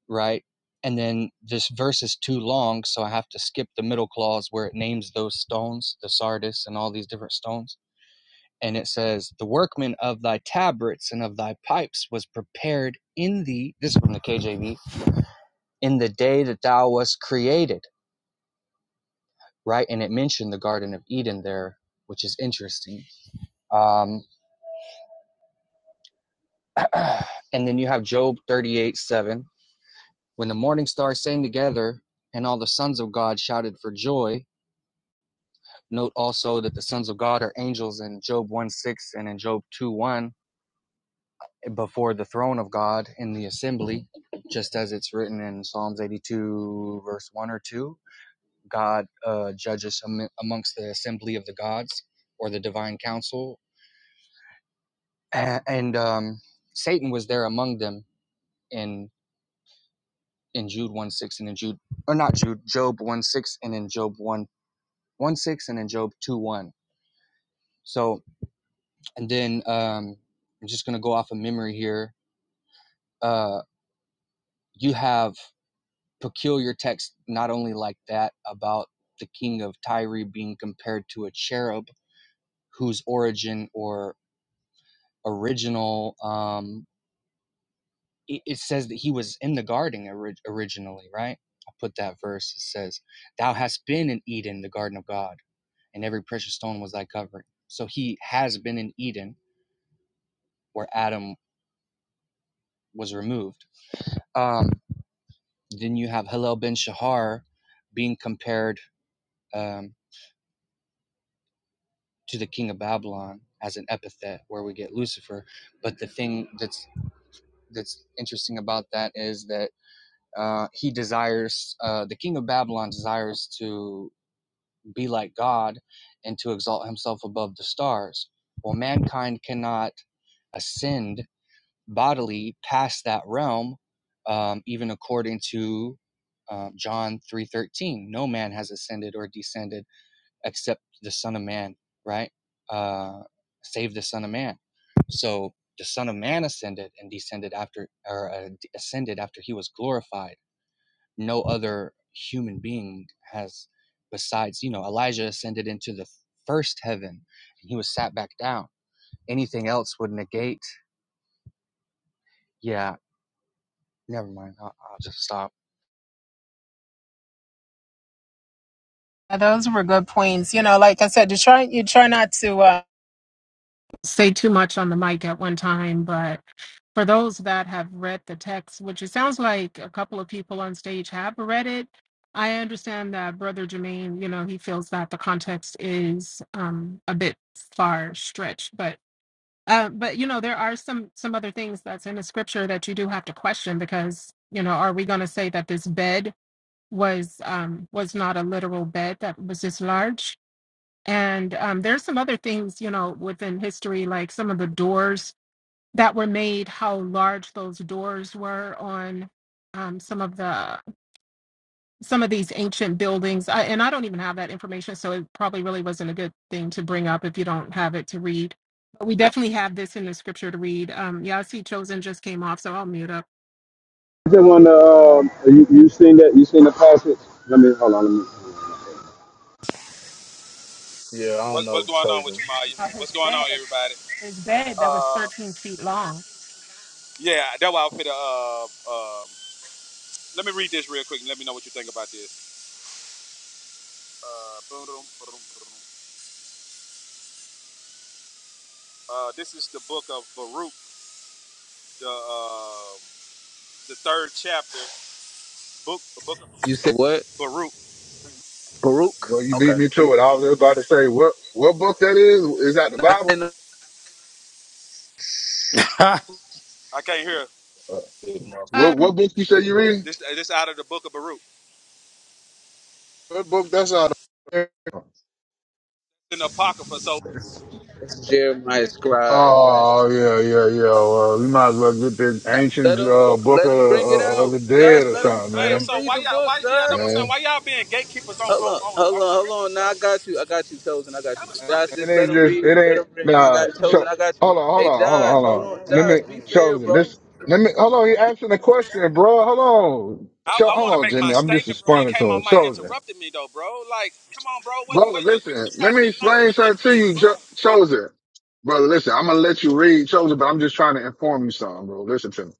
G: right? And then this verse is too long, so I have to skip the middle clause where it names those stones, the sardis and all these different stones. And it says, The workman of thy tabrets and of thy pipes was prepared in thee, this is from the KJV, in the day that thou wast created, right? And it mentioned the Garden of Eden there, which is interesting. Um, and then you have Job 38 7. When the morning stars sang together and all the sons of God shouted for joy, Note also that the sons of God are angels in Job 1 6 and in Job 2 1 before the throne of God in the assembly, just as it's written in Psalms 82, verse 1 or 2. God uh, judges am- amongst the assembly of the gods or the divine council. A- And um, Satan was there among them in, in Jude 1 6 and in Jude, or not Jude, Job 1 6 and in Job 1, 1 6 and in Job 2 1. So, and then um, I'm just going to go off of memory here uh, you have peculiar texts not only like that about the king of Tyre being compared to a cherub whose origin or original um, it, it says that he was in the garden ori- originally, right? I put that verse. It says, "Thou hast been in Eden, the garden of God, and every precious stone was thy covering." So he has been in Eden, where Adam was removed. Um, then you have Hillel ben Shahar being compared. Um, to the king of Babylon as an epithet where we get Lucifer. But the thing that's that's interesting about that is that uh, he desires uh, the king of Babylon desires to be like God and to exalt himself above the stars. Well, mankind cannot ascend bodily past that realm, um, even according to uh, John three thirteen. No man has ascended or descended except the Son of Man, right? Uh, save the Son of Man. So the Son of Man ascended and descended after, or uh, ascended after he was glorified. No other human being has, besides, you know, Elijah ascended into the first heaven and he was sat back down. Anything else would negate. Yeah, never mind. I'll, I'll just stop.
E: Uh, Those were good points. You know, like I said, you try you try not to uh, say too much on the mic at one time, but for those that have read the text, which it sounds like a couple of people on stage have read it, I understand that Brother Jermaine, you know, he feels that the context is um, a bit far stretched, but uh, but you know, there are some some other things that's in the scripture that you do have to question because you know, are we going to say that this bed was um, was not a literal bed that was this large? And um, there's some other things, you know, within history, like some of the doors that were made how large those doors were on um, some of the some of these ancient buildings I, and i don't even have that information so it probably really wasn't a good thing to bring up if you don't have it to read but we definitely have this in the scripture to read um, yeah i see chosen just came off so i'll mute up
H: I just want to. Um, you, you seen that? You seen the passage? Let me hold on. Let me.
C: Yeah, I don't know, chosen.
E: uh, his bed his bed that was 13 feet long
C: You said what? Baruch?
I: Well, you
C: Okay.
I: beat me to it. I was just about to say, what what book that is? Is that the
C: Nah, I
I: Bible?
C: didn't know
I: Uh, what what
E: um,
I: book you say you read? What book that's out of?
C: that's Jeremiah scribe. That's
I: Oh yeah,
C: Jeremiah
I: yeah, yeah.
C: scribe.
I: Well, we might as well get this
C: Nah, let
I: ancient
C: him
I: uh, book
C: let
I: of,
C: him bring it
I: of, of
C: out.
I: the
C: Josh,
I: dead or
C: let him
I: something,
C: let him
I: man.
C: read the book, Josh.
I: Man,
C: Hold on, hold on, hold on. Now I got you. I got you, chosen. I got you. Josh,
I: it
C: just let
I: ain't
C: him
I: just
C: read.
I: it
C: Let
I: ain't
C: him read. I
I: nah.
C: got chosen.
I: So
C: I got you.
I: hold on, hold
C: Hey
I: on, hold on,
C: Josh,
I: hold
C: hold
I: on.
C: on.
I: Let
C: Josh,
I: me
C: be fair,
I: chosen
C: bro.
I: this. Let me hold on. He asking a question, bro. Hold on. Cho- hold on, Jimmy. I'm just responding to him. Chosen. Brother, listen, let me explain something to you, Cho- Chosen. Brother, listen, I'm gonna let you read Chosen, but I'm just trying to inform you something, bro. Listen to me.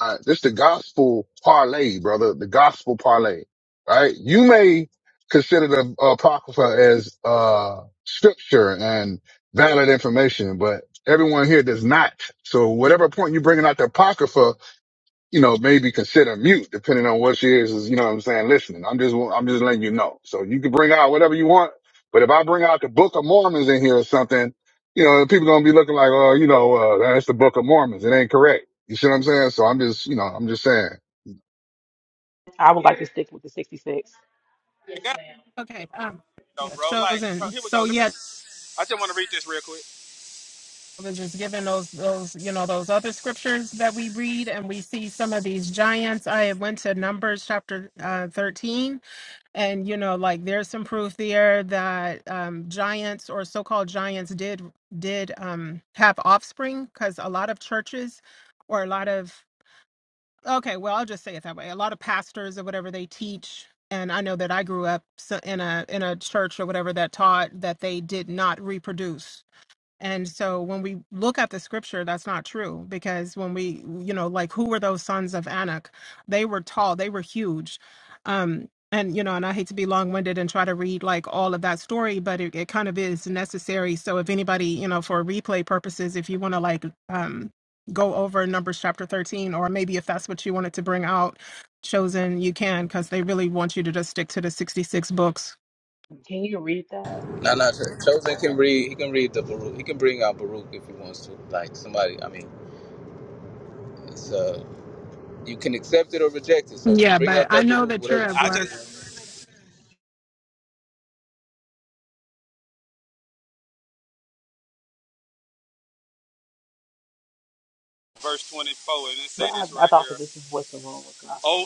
I: All right, this the gospel parlay, brother. The gospel parlay. Right? You may consider the Apocrypha as uh scripture and valid information, but everyone here does not. So whatever point you're bringing out the Apocrypha you know, maybe consider mute depending on what she is, is, you know what I'm saying, listening. I'm just, I'm just letting you know. So you can bring out whatever you want, but if I bring out the Book of Mormons in here or something, you know, people gonna be looking like, oh, you know, uh, that's the Book of Mormons. It ain't correct. You see what I'm saying? So I'm just, you know, I'm just saying.
A: I would like to stick with the sixty six.
E: okay um, yeah chosen so yeah was just given those those you know those other scriptures that we read and we see some of these giants i went to numbers chapter uh, 13 and you know like there's some proof there that um, giants or so-called giants did did um, have offspring because a lot of churches or a lot of okay well i'll just say it that way a lot of pastors or whatever they teach and i know that i grew up so- in a in a church or whatever that taught that they did not reproduce and so when we look at the scripture, that's not true because when we, you know, like who were those sons of Anak? They were tall, they were huge. Um, and, you know, and I hate to be long winded and try to read like all of that story, but it, it kind of is necessary. So if anybody, you know, for replay purposes, if you want to like um, go over Numbers chapter 13, or maybe if that's what you wanted to bring out, chosen, you can because they really want you to just stick to the 66 books.
A: Can you read that?
C: Nah, nah, Cho- chosen can read. He can read the Baruch. He can bring out Baruch if he wants to. Like somebody, I mean. it's uh You can accept it or reject it. So
E: Yeah,
C: bring
E: but
C: out
E: I
C: that
E: know
C: Baruch,
E: that you're
C: whatever you
E: at
C: want to
E: work.
C: do.
A: But I, I thought that this is what the room was gospel.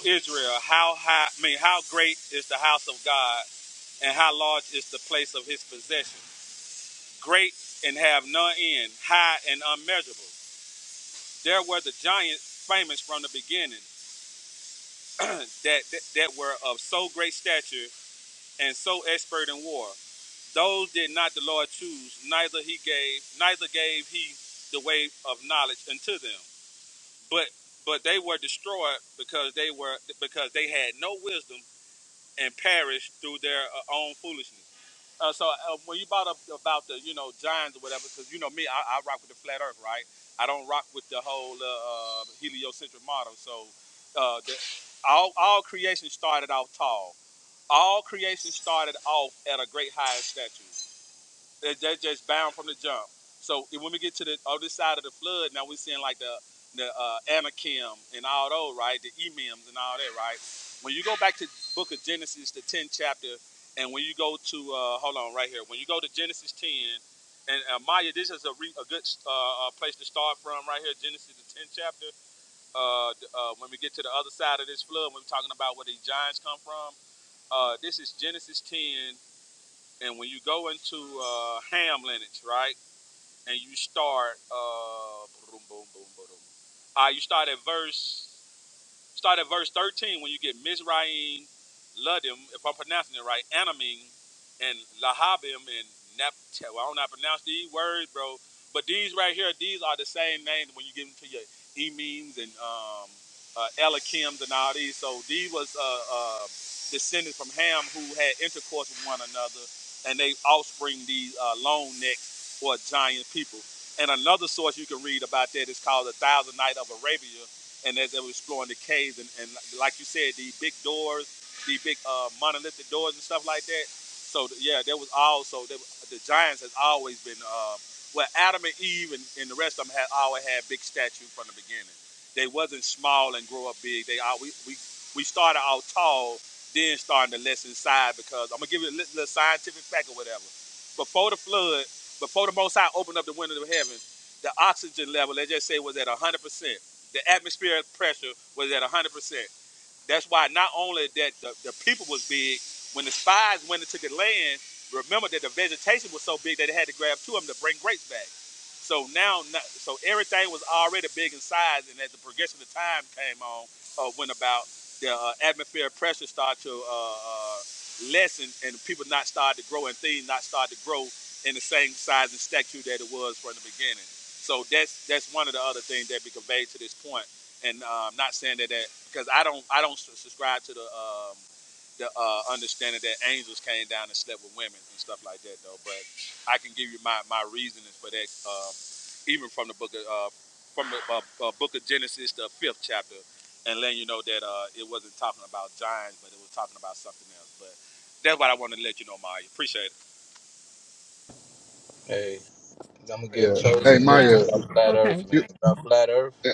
C: Hey, i am gonna give
I: Maya, hey
C: chosen this
E: Yeah.
I: Maya,
C: about flat
E: Okay.
C: Earth,
I: you,
C: man. About flat Earth.
I: hey,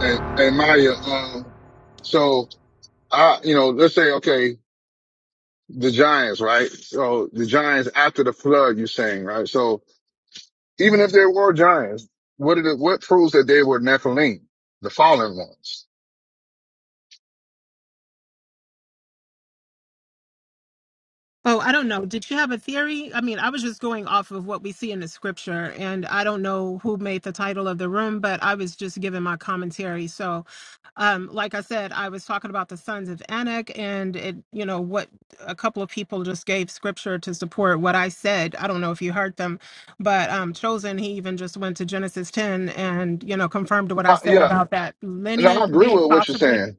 I: hey hey, Maya, um, so I, you know, let's say, okay, the Giants, right? So the Giants after the flood, you're saying, right? So, Even if there were giants, what did it, what proves that they were Nephilim, the fallen ones?
E: Oh, I don't know. Did you have a theory? I mean, I was just going off of what we see in the scripture, and I don't know who made the title of the room, but I was just giving my commentary. So, um, like I said, I was talking about the sons of Anak, and it, you know, what a couple of people just gave scripture to support what I said. I don't know if you heard them, but um, Chosen, he even just went to Genesis 10 and, you know, confirmed what I
I: Uh,
E: said
I: yeah.
E: about that
I: No,
E: lineage
I: I agree
E: being
I: with what you're
E: possibly.
I: saying.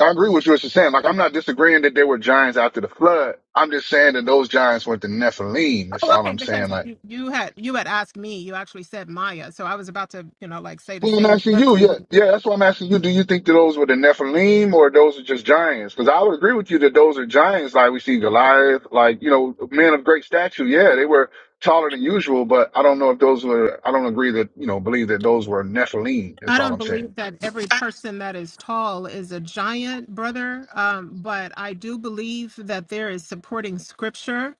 I: I agree with what you're saying. Like, I'm not disagreeing that there were giants after the flood. I'm just saying that those giants were the Nephilim. That's
E: Oh,
I: all
E: okay,
I: I'm
E: because
I: saying. Like,
E: you, you had you had asked me, you actually said Maya, so I was about to, you know, like say the
I: Well, I'm
E: same
I: asking you.
E: scriptures.
I: Yeah, yeah. That's why I'm asking you. Do you think that those were the Nephilim or those are just giants? Because I would agree with you that those are giants, like we see Goliath, like you know, men of great stature. Yeah, they were taller than usual, but I don't know if those were. I don't agree that you know believe that those were Nephilim. That's
E: I
I: all
E: don't
I: I'm saying.
E: believe that every person that is tall is a giant, brother. Um, but I do believe that there is supporting scripture,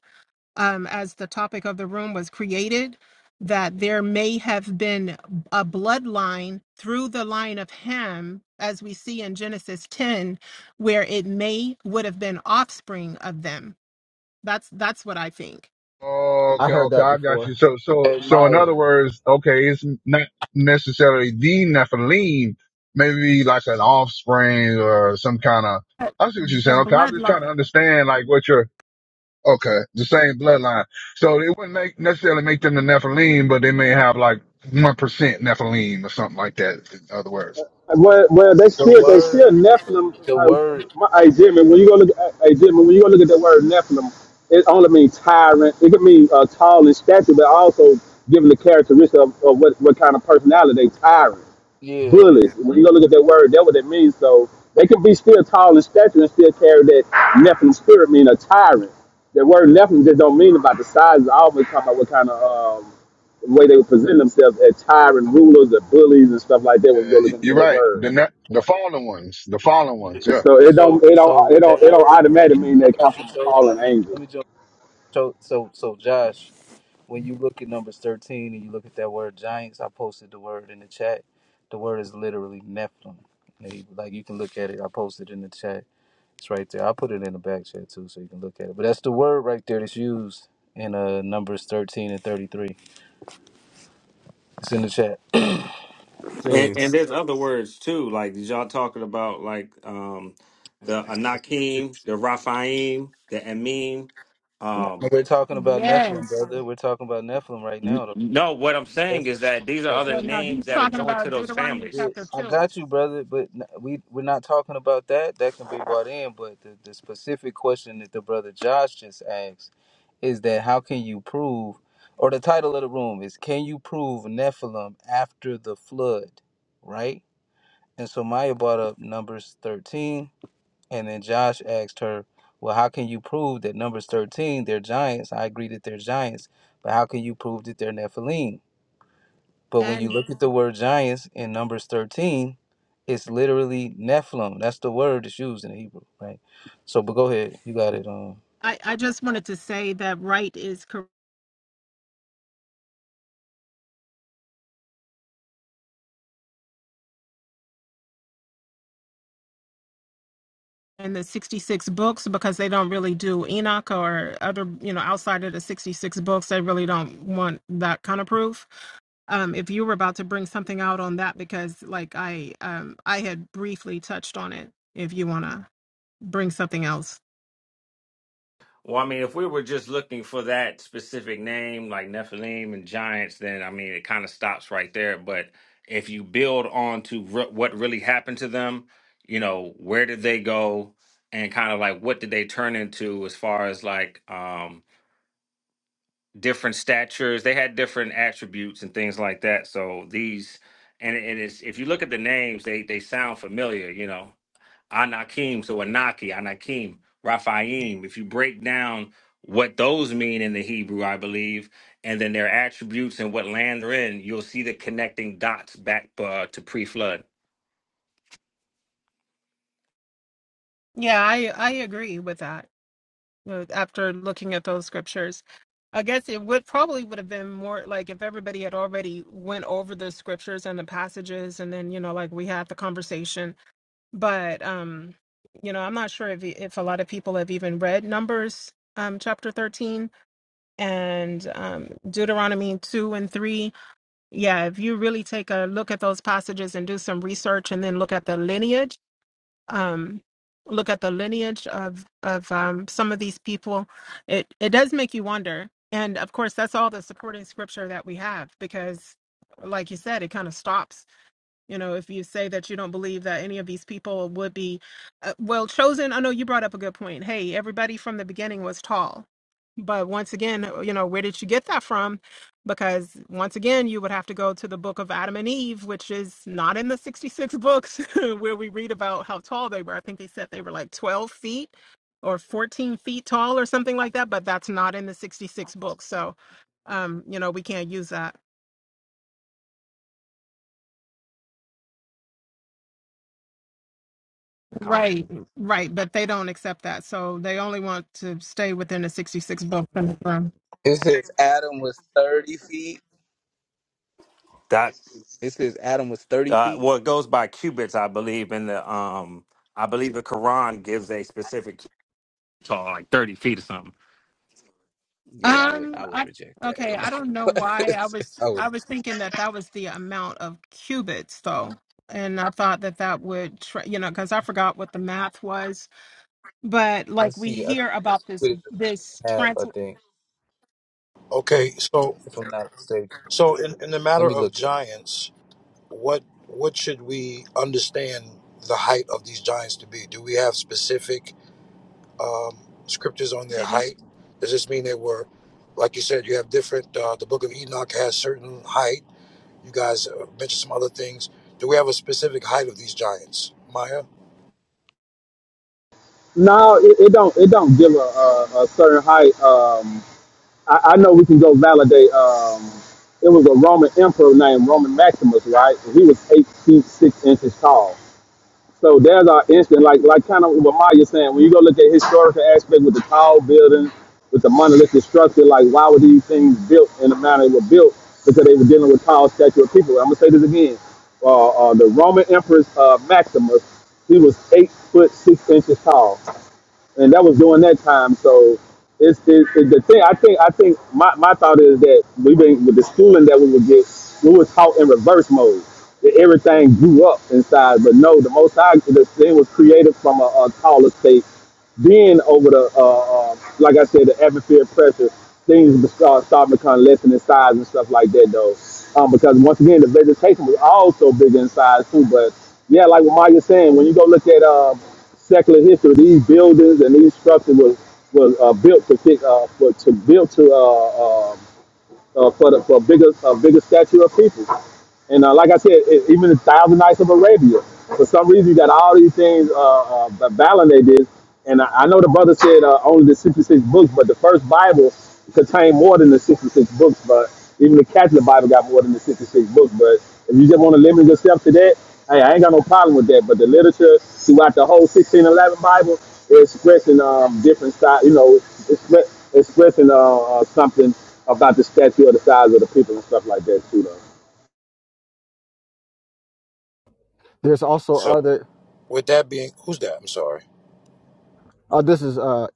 E: um, as the topic of the room was created, that there may have been a bloodline through the line of Ham, as we see in Genesis 10, where it may would have been offspring of them. That's that's what I think
J: I
I: Okay,
J: heard
I: okay,
J: that
I: I got you.
J: before.
I: So, so,
C: Hey
I: so, in
C: Maya,
I: other
J: Yeah.
I: words, okay, it's not necessarily the Nephilim. Maybe like an offspring or some kind of. I see what you're
E: the
I: saying. Okay, I'm just trying to
E: bloodline.
I: understand like what your. Okay, the same bloodline. So it wouldn't make necessarily make them the Nephilim, but they may have like one percent Nephilim or something like that. In other words,
H: Well, well, they
C: the
H: still they still
C: word,
H: Nephilim.
C: the
H: Uh,
C: word,
H: my hey, Jimmy, when you go look, at- hey Jimmy, when you go look at that word Nephilim, it only means tyrant. It could mean uh, tall in stature, but also giving the characteristic of, of what, what kind of personality they tyrant.
C: yeah.
H: bullies. When you go look at that word, that what it means. So they can be still tall in stature and still carry that Nephilim spirit, mean a tyrant. The word Nephilim just don't mean about the size. I always talking about what kind of um, way they would present themselves as tyrant rulers or bullies and stuff like that when you
I: yeah,
H: go look
I: you-
H: into
I: you're
H: that
I: right.
H: word.
I: The ne- the fallen ones, the fallen ones. yeah.
H: So it
C: So,
H: don't it don't
C: so
H: it don't
C: that
H: it don't
C: word,
H: automatically mean
C: I
H: they come
C: got you
H: from
C: chosen.
H: fallen
C: Let me, let
H: angels.
C: me jump. So, so, so Josh, when you look at Numbers 13 and you look at that word giants, I posted the word in the chat. The word is literally Nephilim. Like you can look at it. I posted in the chat It's right there. I'll put it in the back chat too, so you can look at it. But that's the word right there that's used in uh Numbers thirteen and thirty three. It's in the chat.
K: And,
L: Things.
K: and there's other words too, like y'all talking about like um the Anakim, the Raphaim, the Amim. Um
C: We're talking about Nephilim,
E: Yes.
C: brother. We're talking about Nephilim right
K: n-
C: now. Though.
K: no, what I'm saying
C: That's
K: is that these are
C: yeah.
E: Well,
K: other
E: no, he's
K: names that are
E: talking
K: joined to
E: about
K: those
E: Deuteronomy
K: families.
C: Yeah,
E: chapter
C: I
E: 2.
C: got you, brother. But n- we we're not talking about that. That can be brought in. But the, the specific question that the brother Josh just asked is that how can you prove, or the title of the room is, can you prove Nephilim after the flood, right? And so Maya brought up Numbers 13, and then Josh asked her, Well, how can you prove that Numbers 13, they're giants? I agree that they're giants, but how can you prove that they're Nephilim? But when you
E: And
C: look at the word giants in Numbers 13, it's literally Nephilim. That's the word that's used in Hebrew, right? So, but go ahead. You got it. Um,
E: I, I just wanted to say that Wright is correct in the 66 books because they don't really do Enoch or other, you know, outside of the 66 books. They really don't want that kind of proof. Um, if you were about to bring something out on that, because like I, um, I had briefly touched on it, if you want to bring something else.
K: Well, I mean, if we were just looking for that specific name, like Nephilim and giants, then I mean, it kind of stops right there. But if you build on to re- what really happened to them, you know, where did they go, and kind of like what did they turn into, as far as like, um, different statures. They had different attributes and things like that. So these, and, and it's if you look at the names, they they sound familiar. You know, Anakim, so Anaki, Anakim, Raphaim. If you break down what those mean in the Hebrew, I believe, and then their attributes and what land they're in, you'll see the connecting dots back uh, to pre-flood.
E: Yeah, I, I agree with that. uh, after looking at those scriptures. I guess it would probably would have been more like if everybody had already went over the scriptures and the passages, and then you know, like we had the conversation. But um, you know, I'm not sure if if a lot of people have even read Numbers um, chapter 13 and um, Deuteronomy 2 and 3. Yeah, if you really take a look at those passages and do some research, and then look at the lineage um, look at the lineage of of um, some of these people, it it does make you wonder. And of course, that's all the supporting scripture that we have because, like you said, it kind of stops you know, if you say that you don't believe that any of these people would be uh, well chosen, I know you brought up a good point. Hey, everybody from the beginning was tall. But once again, uh, you know, where did you get that from? Because once again, you would have to go to the book of Adam and Eve, which is not in the 66 books where we read about how tall they were. I think they said they were like 12 feet or 14 feet tall or something like that, but that's not in the 66 books. So, um, you know, we can't use that. Right, right, but they don't accept that, so they only want to stay within the sixty-six book conundrum.
C: It says Adam was thirty feet.
K: That
C: It said Adam was
K: Uh,
C: thirty.
K: well, it goes by cubits, I believe. In the um, I believe the Quran gives a specific cubit tall, like thirty feet or something.
C: Yeah, I would I
E: Um,
C: would
E: I
C: reject that.
E: okay,
C: You
E: I don't know why I was
C: know? I would.
E: I was thinking that that was the amount of cubits though, and I thought that that would tr you know because I forgot what the math was, but
C: Let's
E: like we
C: see. I think
E: hear about this
C: we did
E: this
C: half,
E: trans.
C: I think,
F: Okay, so
C: if I'm not mistaken.
F: so in, in the
C: Let
F: matter
C: me
F: of
C: look.
F: giants, what what should we understand the height of these giants to be? Do we have specific um, scriptures on their
E: Did he?
F: height? Does this mean they were, like you said, you have different? Uh, the Book of Enoch has certain height. You guys uh, mentioned some other things. Do we have a specific height of these giants, Maya?
H: No, it, it don't it don't give a, a, a certain height. Um, I, I know we can go validate. Um, it was a Roman emperor named Roman Maximus, right? And he was eight feet six inches tall. So there's our instant, like like kind of what Maya's saying. When you go look at historical aspect with the tall buildings, with the monolithic structure, like why were these things built in the manner they were built? Because they were dealing with tall, statued people. I'm gonna say this again. Uh, uh, the Roman emperor uh, Maximus, he was eight foot six inches tall and that was during that time. So it's, it's, it's the thing. I think I think my, my thought is that we have been with the schooling that we would get, we were taught in reverse mode. That everything grew up inside, but no, the Most High, the thing was created from a, a taller state. Then over the, uh, uh, like I said, the atmospheric pressure, things be- start start becoming less in size and stuff like that, though. Um, because once again, the vegetation was also bigger in size too. But yeah, like what Maya's saying, when you go look at uh, secular history, these buildings and these structures was was uh, built to fit, uh, for, to built to uh, uh, uh, for the, for a bigger a bigger stature of people. And uh, like I said, it, even the Thousand Nights of Arabia. For some reason, you got all these things uh, uh, Balaam they did. And I, I know the brother said uh, only the 66 books, but the first Bible contained more than the 66 books. But even the Catholic Bible got more than the 66 books. But if you just want to limit yourself to that, hey, I ain't got no problem with that. But the literature throughout the whole 1611 Bible is expressing um, different style, you know, it's expressing uh, uh, something about the statue or the size of the people and stuff like that too, though.
J: There's also
F: So
J: other.
F: with that being, who's that? I'm sorry.
J: Oh, this is uh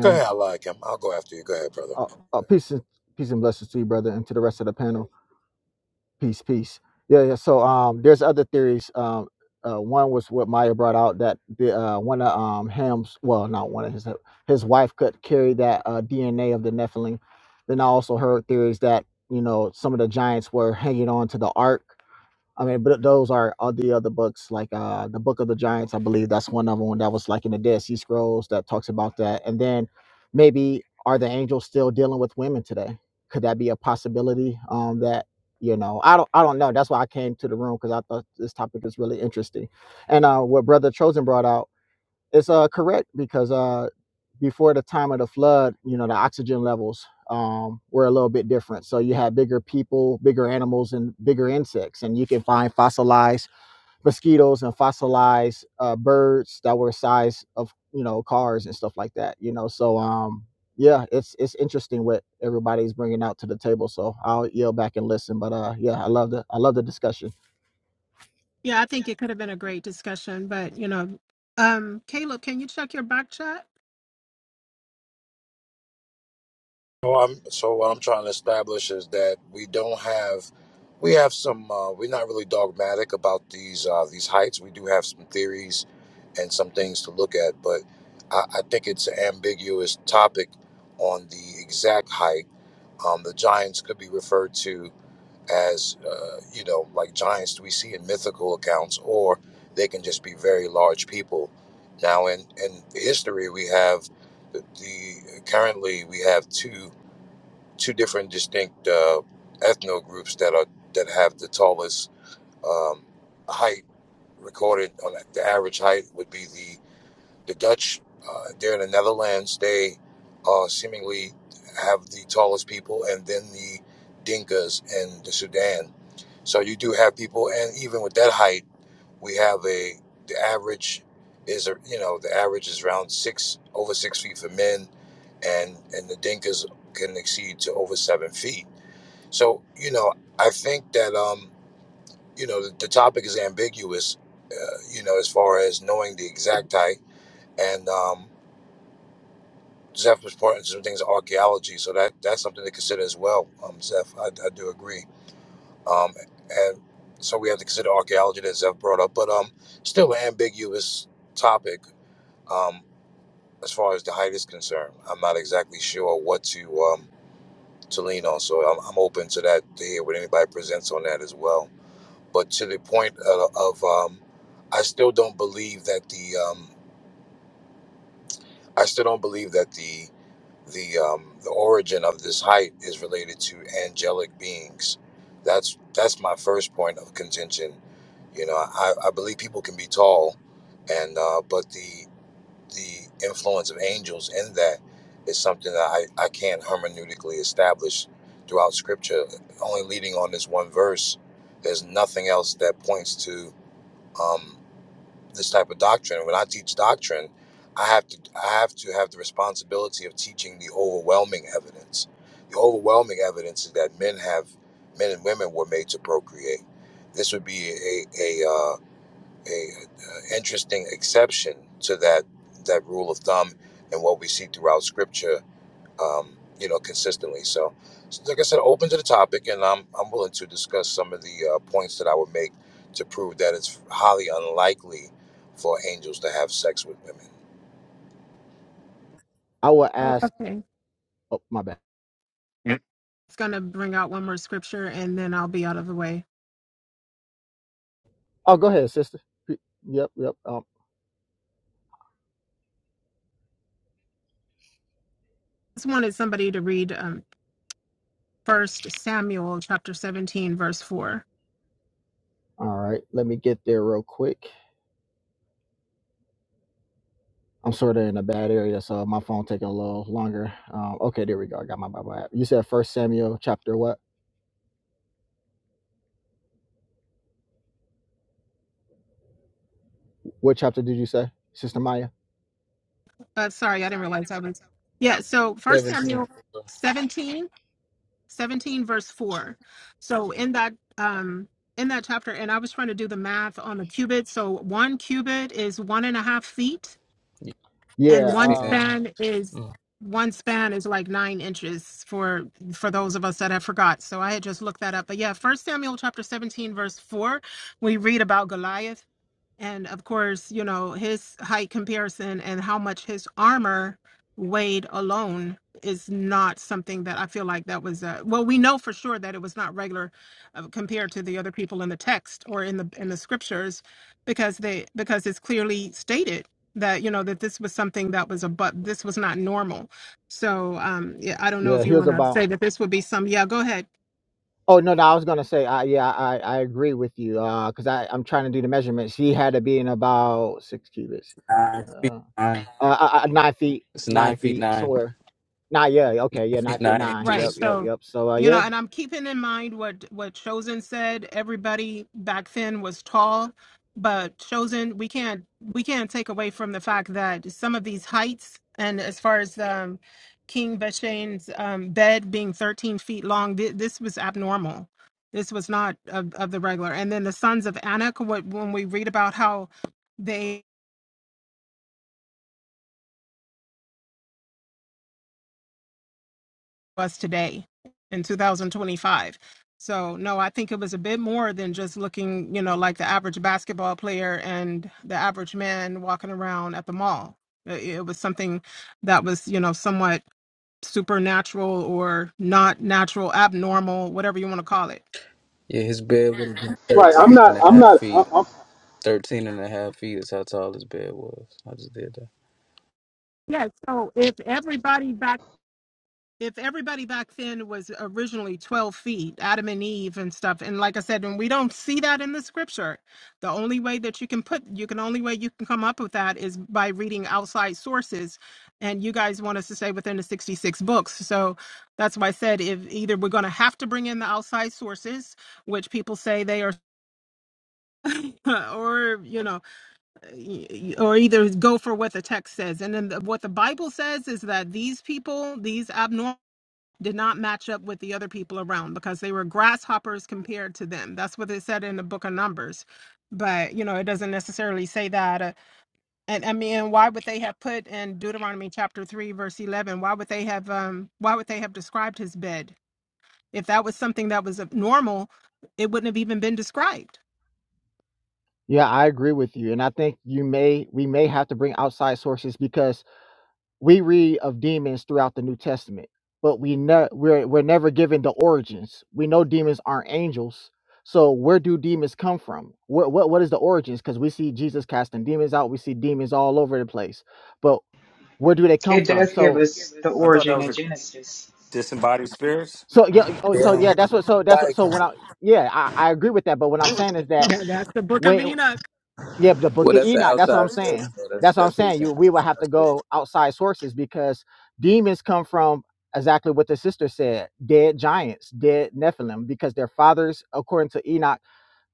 F: Go ahead, I like him. I'll go after you. Go ahead, brother.
J: Uh, uh, peace and peace and blessings to you, brother, and to the rest of the panel. Peace, peace. Yeah, yeah. So um, there's other theories. Um, uh, one was what Maya brought out that the uh one of um Ham's well not one of his his wife could carry that uh DNA of the Nephilim. Then I also heard theories that you know some of the giants were hanging on to the ark I mean, but those are all the other books, like uh, the Book of the Giants. I believe that's one of them that was like in the Dead Sea Scrolls that talks about that. And then maybe are the angels still dealing with women today? Could that be a possibility? Um, that you know, I don't, I don't know. That's why I came to the room because I thought this topic is really interesting. And uh, what Brother Chosen brought out. It's uh, correct because uh, before the time of the flood, you know, the oxygen levels um, were a little bit different. So you had bigger people, bigger animals, and bigger insects. And you can find fossilized mosquitoes and fossilized uh, birds that were size of, you know, cars and stuff like that, you know. So, um, yeah, it's it's interesting what everybody's bringing out to the table. So I'll yield back and listen. But uh, yeah, I love the I love the discussion.
E: Yeah, I think it could have been a great discussion, but you know, um, Caleb, can you check your back chat?
F: So I'm so what I'm trying to establish is that we don't have we have some uh, we're not really dogmatic about these uh, these heights. We do have some theories and some things to look at, but I, I think it's an ambiguous topic on the exact height. Um, the Giants could be referred to. as uh, you know, like giants we see in mythical accounts, or they can just be very large people. Now, in in history, we have the, the currently we have two two different distinct uh, ethno groups that are that have the tallest um, height recorded on the average height would be the the Dutch, uh, they're in the Netherlands. They uh, seemingly have the tallest people, and then the Dinkas in the Sudan. So you do have people, and even with that height, we have a the average is a you know the average is around six over six feet for men, and and the Dinkas can exceed to over seven feet. So you know I think that um you know the, the topic is ambiguous, uh, you know as far as knowing the exact height and um Zeph was pointing to some things of archaeology, so that that's something to consider as well. Um, Zeph, I, I do agree. Um, and so we have to consider archaeology that Zeph brought up, but um, still an ambiguous topic. Um, as far as the height is concerned, I'm not exactly sure what to um to lean on. So I'm, I'm open to that to hear what anybody presents on that as well. But to the point of, of um, I still don't believe that the um, I still don't believe that the the um, the origin of this hype is related to angelic beings. That's that's my first point of contention. You know, I, I believe people can be tall, and uh, but the the influence of angels in that is something that I, I can't hermeneutically establish throughout Scripture. Only leading on this one verse, there's nothing else that points to. Um, this type of doctrine. When I teach doctrine, I have to I have to have the responsibility of teaching the overwhelming evidence. The overwhelming evidence is that men have men and women were made to procreate. This would be a a, uh, a uh, interesting exception to that that rule of thumb and what we see throughout Scripture um, you know, consistently. So, so, like I said, open to the topic, and I'm I'm willing to discuss some of the uh, points that I would make to prove that it's highly unlikely for angels to have sex with women.
J: I will
E: Oh,
J: ask.
E: okay.
J: Oh, my bad.
K: Yeah.
E: It's going to bring out one more scripture and then I'll be out of the way.
J: Oh, go ahead, sister. Yep, yep. Um,
E: Just wanted somebody to read um, 1 Samuel chapter 17, verse 4.
J: All right, let me get there real quick. I'm sort of in a bad area, so my phone taking a little longer. Um, okay, there we go. I got my Bible app. You said First Samuel chapter what? What chapter did you say, Sister Maya?
E: Uh, sorry, I didn't realize I was. Yeah, so First
C: 17, eighteen
E: Samuel 17, 17, verse 4. So in that. Um, in that chapter, and I was trying to do the math on the cubit. So one cubit is one and a half feet, and
J: Yeah,
C: inches.
E: one
J: um,
E: span is
C: Mm.
E: one span is like nine inches for for those of us that have forgot so i had just looked that up but yeah first samuel chapter 17 verse 4 we read about goliath and of course, you know, his height comparison and how much his armor weighed alone is not something that I feel like that was uh well we know for sure that it was not regular uh, compared to the other people in the text or in the in the scriptures because they because it's clearly stated that you know that this was something that was a but this was not normal. So um yeah I don't know
J: yeah.
E: if you
J: He was
E: want to
J: about.
E: say that this would be some yeah go ahead
J: Oh no, no. I was gonna say, I, yeah, I, I agree with you, uh, cause I I'm trying to do the measurements. He had to be in about six cubits,
C: Nine feet
J: uh, uh,
C: nine.
J: uh, uh, nine feet,
C: It's
J: nine
C: nine feet
J: feet
C: nine.
J: somewhere. Nah, yeah, okay,
C: Nine
J: yeah, nine
C: feet
J: feet
C: nine
J: nine.
E: Right.
J: Yep,
C: inches.
J: yep,
E: So,
J: yep. So uh,
E: you know,
J: yeah,
E: and I'm keeping in mind what what Chosen said. Everybody back then was tall, but Chosen, we can't we can't take away from the fact that some of these heights, and as far as um, King Vashane's um, bed being 13 feet long, th- this was abnormal. This was not of, of the regular. And then the sons of Anak, what, when we read about how they us today in 2025. So no, I think it was a bit more than just looking, you know, like the average basketball player and the average man walking around at the mall. It, it was something that was, you know, somewhat supernatural or not natural, abnormal, whatever you want to call it.
C: Yeah, his bed would have been
H: Right. I'm
C: 13 and
H: not.
C: a
H: I'm
C: half
H: not. I'm,
C: feet.
H: I'm,
C: 13 and a half feet is how tall his bed was. I just did that.
E: Yeah, so if everybody back. if everybody back then was originally 12 feet, Adam and Eve and stuff, and like I said, and we don't see that in the scripture, the only way that you can put, you can only way you can come up with that is by reading outside sources. And you guys want us to say within the 66 books. So that's why I said if either we're going to have to bring in the outside sources, which people say they are, or, you know, or either go for what the text says. And then the, what the Bible says is that these people, these abnormal did not match up with the other people around because they were grasshoppers compared to them. That's what it said in the book of Numbers. But, you know, it doesn't necessarily say that. Uh, and I mean, why would they have put in Deuteronomy chapter 3 verse 11, why would they have um why would they have described his bed? If that was something that was normal, it wouldn't have even been described.
J: Yeah, I agree with you, and I think you may we may have to bring outside sources because we read of demons throughout the New Testament, but we know we're we're never given the origins. We know demons aren't angels, so where do demons come from? What what what is the origins? Because we see Jesus casting demons out, we see demons all over the place, but where do they come
B: It
J: Well, from?
B: does give
J: So
B: us the
K: I thought that
B: origin
K: was
B: in
K: a
B: Genesis.
K: disembodied spirits.
J: so yeah, oh, so yeah, that's what. So that's what. So when I yeah, I, I agree with that. But what I'm saying is that
E: Yeah, that's the book of
J: when
E: Enoch.
J: yeah, the book
C: What?
J: of Enoch. That's what I'm saying. That's what I'm saying. You we would have to go outside sources because demons come from exactly what the sister said, dead giants, dead Nephilim, because their fathers, according to Enoch,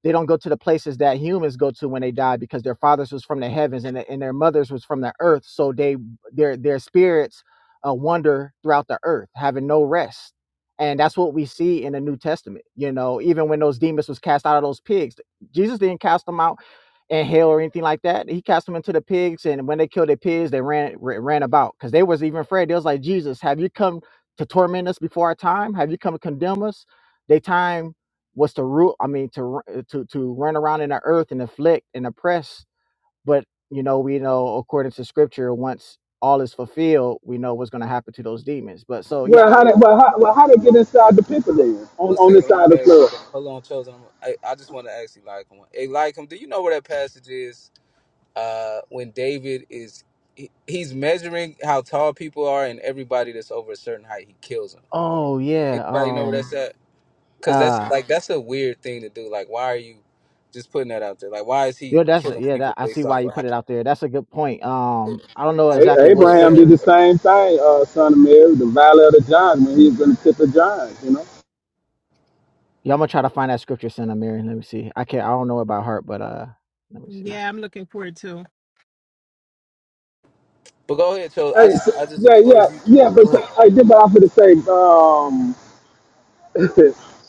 J: they don't go to the places that humans go to when they die because their fathers was from the heavens and, the, and their mothers was from the earth. So they their their spirits uh, wander throughout the earth, having no rest. And that's what we see in the New Testament. You know, even when those demons was cast out of those pigs, Jesus didn't cast them out in hell or anything like that. He cast them into the pigs, and when they killed the pigs, they ran ra- ran about because they was even afraid. They was like, Jesus, have you come to torment us before our time? Have you come to condemn us? They time was to rule i mean to to to run around in the earth and afflict and oppress but you know we know according to scripture once all is fulfilled we know what's going to happen to those demons but so yeah
H: well,
J: I,
H: how did well how, well how they get inside the people then on
C: One
H: on
C: second.
H: this side
C: Let
H: of
C: me
H: the
C: ask you.
H: flood?
C: Though. Hold on, Chosen. I'm, I, I just want to ask you, like, one. Hey, like him. Do you know where that passage is? Uh, when David is, he, he's measuring how tall people are, and everybody that's over a certain height, he kills them.
J: oh yeah
C: Anybody know where that's
J: um
C: at? Cause that's
J: uh
C: like that's a weird thing to do. Like, why are you just putting that out there? Like, why is
J: yeah
C: he
J: that's
C: killing
J: yeah that,
C: people
J: i
C: based
J: see why
C: off
J: you
C: of how?
J: put it out there that's a good point
C: He feel?
J: um i don't know
C: I
J: exactly
H: A-
C: forget
J: what
C: where it's
H: Abraham did
J: scripture
H: the
C: at.
H: same thing, uh, son of Mary, the valley of the Giants. when he was going to tip the John, you know.
J: Yeah, I'm gonna try to find that scripture, Son of Mary. Let me see. I can't. I don't know it by heart, but uh, let me see.
E: Yeah, I'm looking forward to.
C: But go ahead, Chose. I
H: Hey,
C: just, I
H: s-
C: just,
H: yeah,
C: or if
H: yeah,
C: you,
H: yeah,
C: go
H: but
C: ahead.
H: I did But I'm going to say. Um,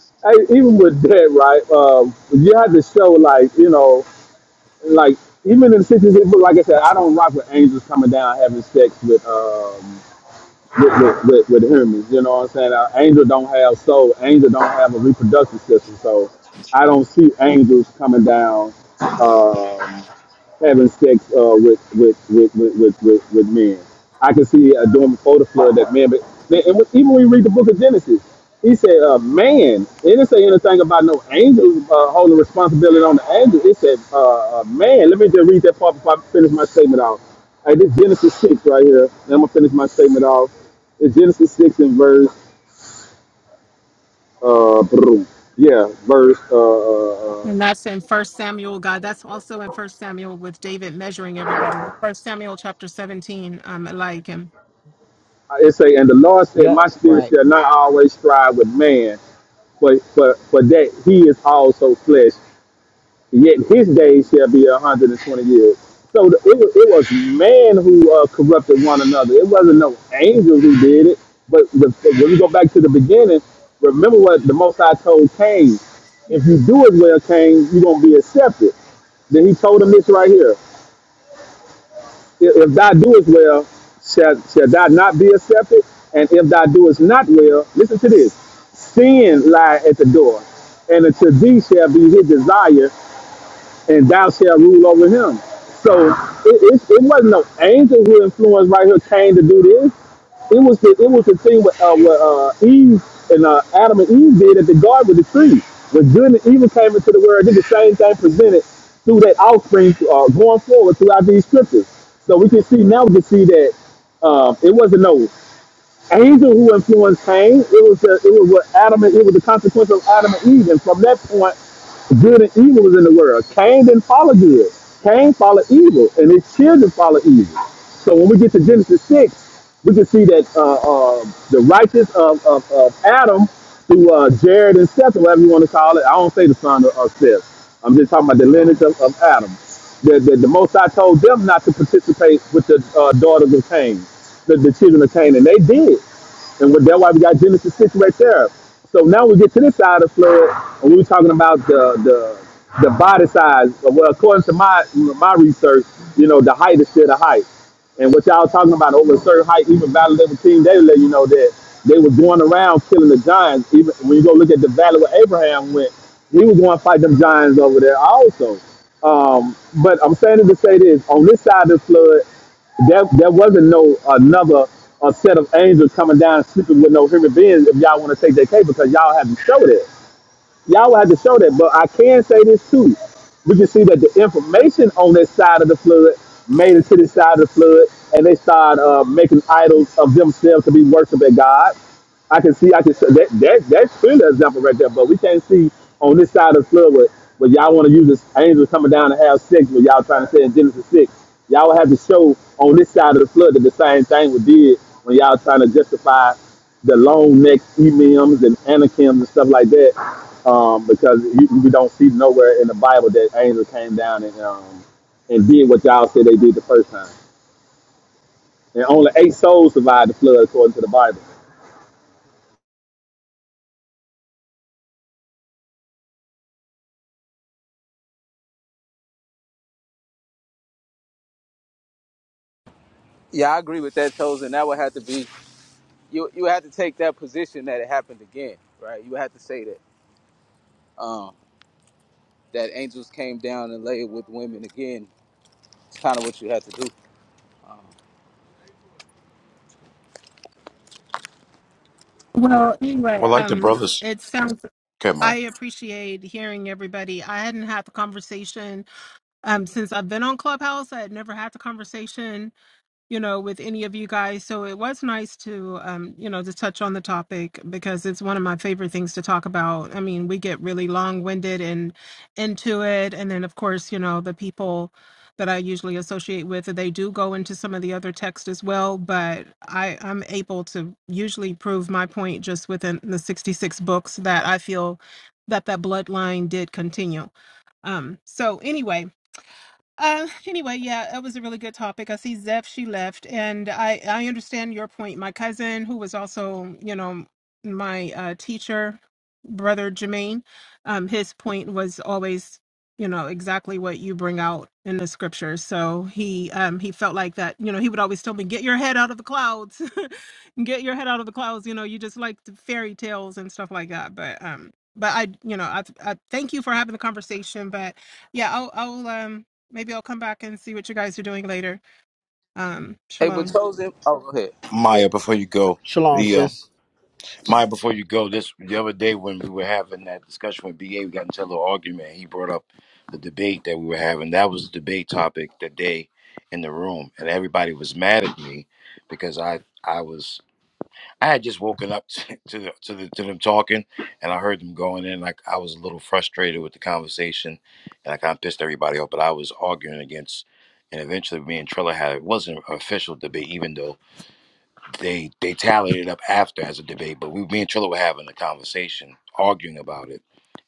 H: hey, even with that, right? Um, you had to show like you know, like even in the sixties, it was- like I said, I don't rock with angels coming down having sex with. Um, with, with, with, with humans. You know what I'm saying? Now, angel don't have soul. Angel don't have a reproductive system. So I don't see angels coming down. Um, having sex uh, with, with, with, with, with, with, with men. I can see uh, doing before the flood that man, but and when, even when we read the book of Genesis, he said, uh, man, it didn't say anything about no angels uh, holding responsibility on the angels. It said, uh, uh, man, let me just read that part before I finish my statement off. Hey, this Genesis 6 right here, and I'm going to finish my statement off. It's Genesis 6 and verse, uh, yeah, verse uh, uh, uh,
E: And that's in First Samuel, God. That's also in First Samuel with David measuring everybody. First Samuel chapter seventeen. Um, I like him.
H: It say, and the Lord said,
J: Yep.
H: My spirit
J: Right.
H: shall not always strive with man, but for, for that he is also flesh. Yet his days shall be a hundred and twenty years. So the, it, was, it was man who uh, corrupted one another. It wasn't no angel who did it. But the, when we go back to the beginning, remember what the Most High told Cain: If you do it well, Cain, you're gonna be accepted. Then he told him this right here if thou doest well, shall, shall thou not be accepted? And if thou doest not well, listen to this sin lie at the door, and unto thee shall be his desire, and thou shalt rule over him. So it, it, it wasn't no angel who influenced right here Cain to do this. It was the it was the thing with uh, what uh, Eve and uh, Adam and Eve did at the garden with the tree. When good and evil came into the world, did the same thing presented through that offspring uh, going forward throughout these scriptures. So we can see now we can see that um, it wasn't no angel who influenced Cain. It was the, it was what Adam and it was the consequence of Adam and Eve. And from that point, good and evil was in the world. Cain didn't follow good. Cain followed evil, and his children followed evil. So when we get to Genesis six, we can see that uh, uh, the righteous of, of, of Adam through uh, Jared and Seth, or whatever you want to call it. I don't say the son of, of Seth. I'm just talking about the lineage of, of Adam. The, the, the Most I told them not to participate with the uh, daughters of Cain the, the children of Canaan. They did. And what- that's why we got Genesis 6 right there. So now we get to this side of the flood, and we were talking about the the the body size. So, Well, according to my my research, you know, the height is still the height. And what y'all talking about over a certain height, even Valley of Team, they let you know that they were going around killing the giants. Even when you go look at the valley where Abraham went, he was going to fight them giants over there also. Um, but I'm saying it to say this: on this side of the flood, there, there wasn't no another a set of angels coming down sleeping with no human beings if y'all want to take that case because y'all haven't showed it. Y'all will have to show that. But I can say this too. We can see that the information on that side of the flood made it to the side of the flood, and they started uh, making idols of themselves to be worshipped at God. I can see, I can see that, that that's clearly an example right there. But we can't see on this side of the flood where, where y'all want to use this angels coming down to have sex, what y'all trying to say in Genesis six. Y'all have to show on this side of the flood that the same thing was did when y'all trying to justify the long neck emims and anakims and stuff like that, um, because you, we don't see nowhere in the Bible that angels came down and um, and did what y'all said they did the first time. And only eight souls survived the flood according to the Bible.
C: Yeah, I agree with that, Chose, and that would have to be you. You would have to take that position that it happened again, right? You would have to say that um that angels came down and laid with women again. It's kind of what you have to do.
E: Well, anyway,
F: Well, like the
E: um,
F: brothers,
E: it sounds.
F: okay, Maya.
E: I appreciate hearing everybody. I hadn't had the conversation um since I've been on Clubhouse. I had never had the conversation you know, with any of you guys. So it was nice to, um, you know, to touch on the topic because it's one of my favorite things to talk about. I mean, we get really long winded and into it. And then, of course, you know, the people that I usually associate with, they do go into some of the other text as well. But I, I'm able to usually prove my point just within the 66 books that I feel that that bloodline did continue. Um, so anyway, um, anyway, yeah, that was a really good topic. I see Zeph, she left, and I I understand your point. My cousin, who was also, you know, my uh, teacher, brother Jermaine, um, his point was always, you know, exactly what you bring out in the scriptures. So he um he felt like that, you know, he would always tell me, "Get your head out of the clouds, get your head out of the clouds." You know, you just like the fairy tales and stuff like that. But um, but I, you know, I I thank you for having the conversation, but. Yeah, I'll I'll um Maybe I'll come back and see what you guys are doing later. Um,
C: Hey, but
E: shalom.
C: Chosen, oh, go ahead. Yeah.
F: Maya, before you go,
J: Shalom,
F: the um,
J: sis.
F: Maya, before you go, this the other day when we were having that discussion with BA, we got into a little argument. He brought up the debate that we were having. That was the debate topic that day in the room, and everybody was mad at me because I I was I had just woken up to to, the, to, the, to them talking, and I heard them going in. Like I was a little frustrated with the conversation, and I kind of pissed everybody off. But I was arguing against, and eventually me and Trilla had it wasn't an official debate, even though they they tallied it up after as a debate. But we, me and Trilla were having a conversation, arguing about it,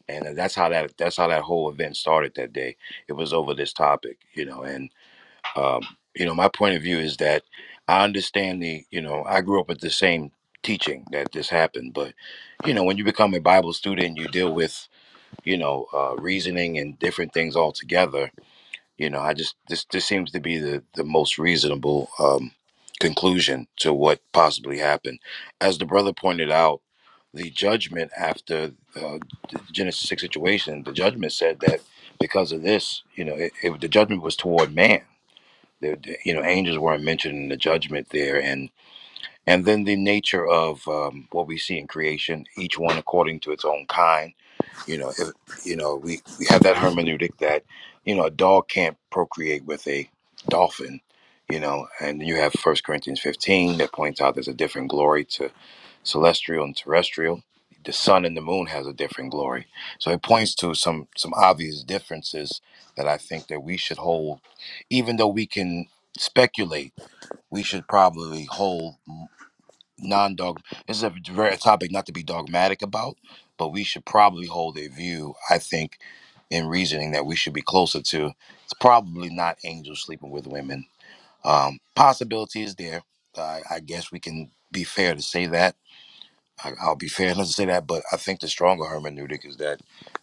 F: and uh, that's how that that's how that whole event started that day. It was over this topic, you know. And um, you know, my point of view is that I understand the you know I grew up with the same teaching that this happened, but you know, when you become a Bible student, you deal with you know uh, reasoning and different things altogether you know, I just this this seems to be the the most reasonable um, conclusion to what possibly happened. As the brother pointed out, the judgment after uh, the Genesis six situation, the judgment said that because of this, you know, it, it, the judgment was toward man. The, the- you know, angels weren't mentioned in the judgment there, and and then the nature of um, what we see in creation, each one according to its own kind you know, if, you know, we, we have that hermeneutic that, you know, a dog can't procreate with a dolphin, you know, and you have First Corinthians 15 that points out there's a different glory to celestial and terrestrial. The sun and the moon has a different glory. So it points to some some obvious differences that I think that we should hold, even though we can speculate, we should probably hold non-dog this is a very topic not to be dogmatic about but we should probably hold a view i think in reasoning that we should be closer to it's probably not angels sleeping with women um possibility is there I i guess we can be fair to say that I, I'll be fair enough to say that, but I think the stronger hermeneutic is that,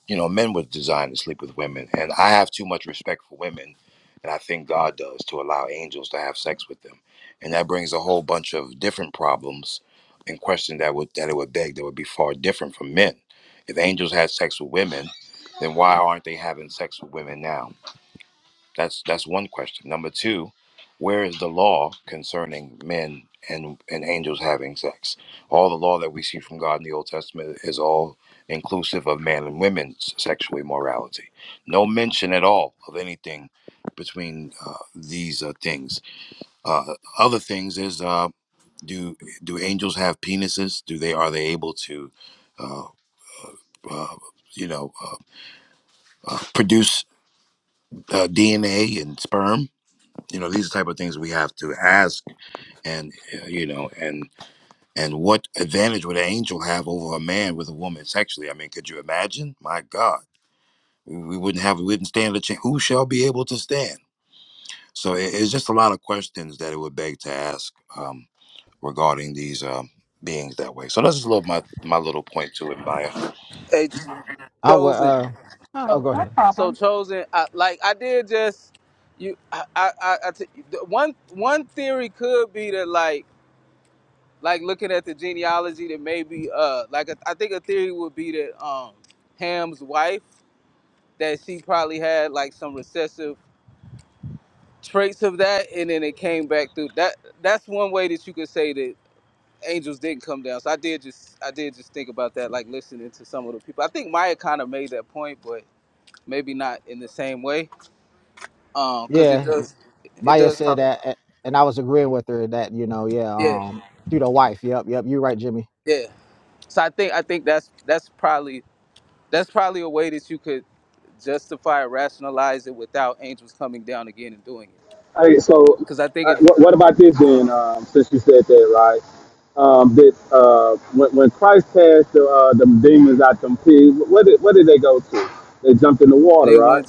F: you know, men were designed to sleep with women, and I have too much respect for women, and I think God does to allow angels to have sex with them, and that brings a whole bunch of different problems and questions that would that it would beg that would be far different from men. If angels had sex with women, then why aren't they having sex with women now? That's that's one question. Number two, where is the law concerning men and and angels having sex? All the law that we see from God in the Old Testament is all inclusive of man and women's sexual immorality. No mention at all of anything between uh, these uh, things. Uh, other things is uh, do do angels have penises? Do they are they able to? Uh, uh, you know, uh, uh, produce uh, DNA and sperm you know these are the type of things we have to ask and uh, you know and and what advantage would an angel have over a man with a woman sexually i mean could you imagine my god we, we wouldn't have we wouldn't stand a chance who shall be able to stand so it, it's just a lot of questions that it would beg to ask um, regarding these um, beings that way so that's just a little my my little point to it maya
C: Hey,
J: I would.
C: Chosen.
J: Uh.
E: Oh,
J: Oh,
C: Oh,
J: go
E: no
J: ahead.
C: so
E: problem.
C: chosen. I, like I did just you. I, I, I, I t- the one one theory could be that like like looking at the genealogy that maybe uh like I think a theory would be that um Ham's wife that she probably had like some recessive traits of that and then it came back through that that's one way that you could say that angels didn't come down so i did just i did just think about that like listening to some of the people i think maya kind of made that point but maybe not in the same way um because it
J: Yeah.
C: does it
J: Maya
C: does
J: said
C: talk
J: that, a- and I was agreeing with her that you know, yeah.
C: yeah
J: Um. Through the wife. Yep. Yep. You're right, Jimmy.
C: yeah so i think i think that's that's probably that's probably a way that you could justify or rationalize it without angels coming down again and doing it
H: Hey, so
C: because i think
H: uh,
C: it
H: what,
C: does
H: what about this then?
C: uh-huh.
H: Um, since you said that, right? Um, that uh, when, when Christ cast the uh, them demons out them pigs, what did what did they go to? They jumped in the water,
C: they went
H: right?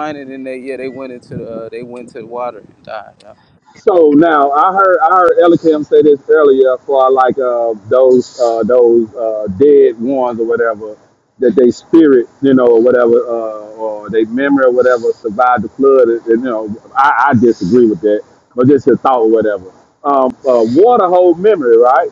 C: in and then they yeah they went into the uh, they went to the water and died yeah.
H: So now I heard I heard Ella Kim say this earlier for like uh, those uh, those uh, dead ones or whatever that they spirit you know or whatever uh, or they memory or whatever survived the flood and, you know I, I disagree with that but just a thought or whatever um, uh, water hold memory right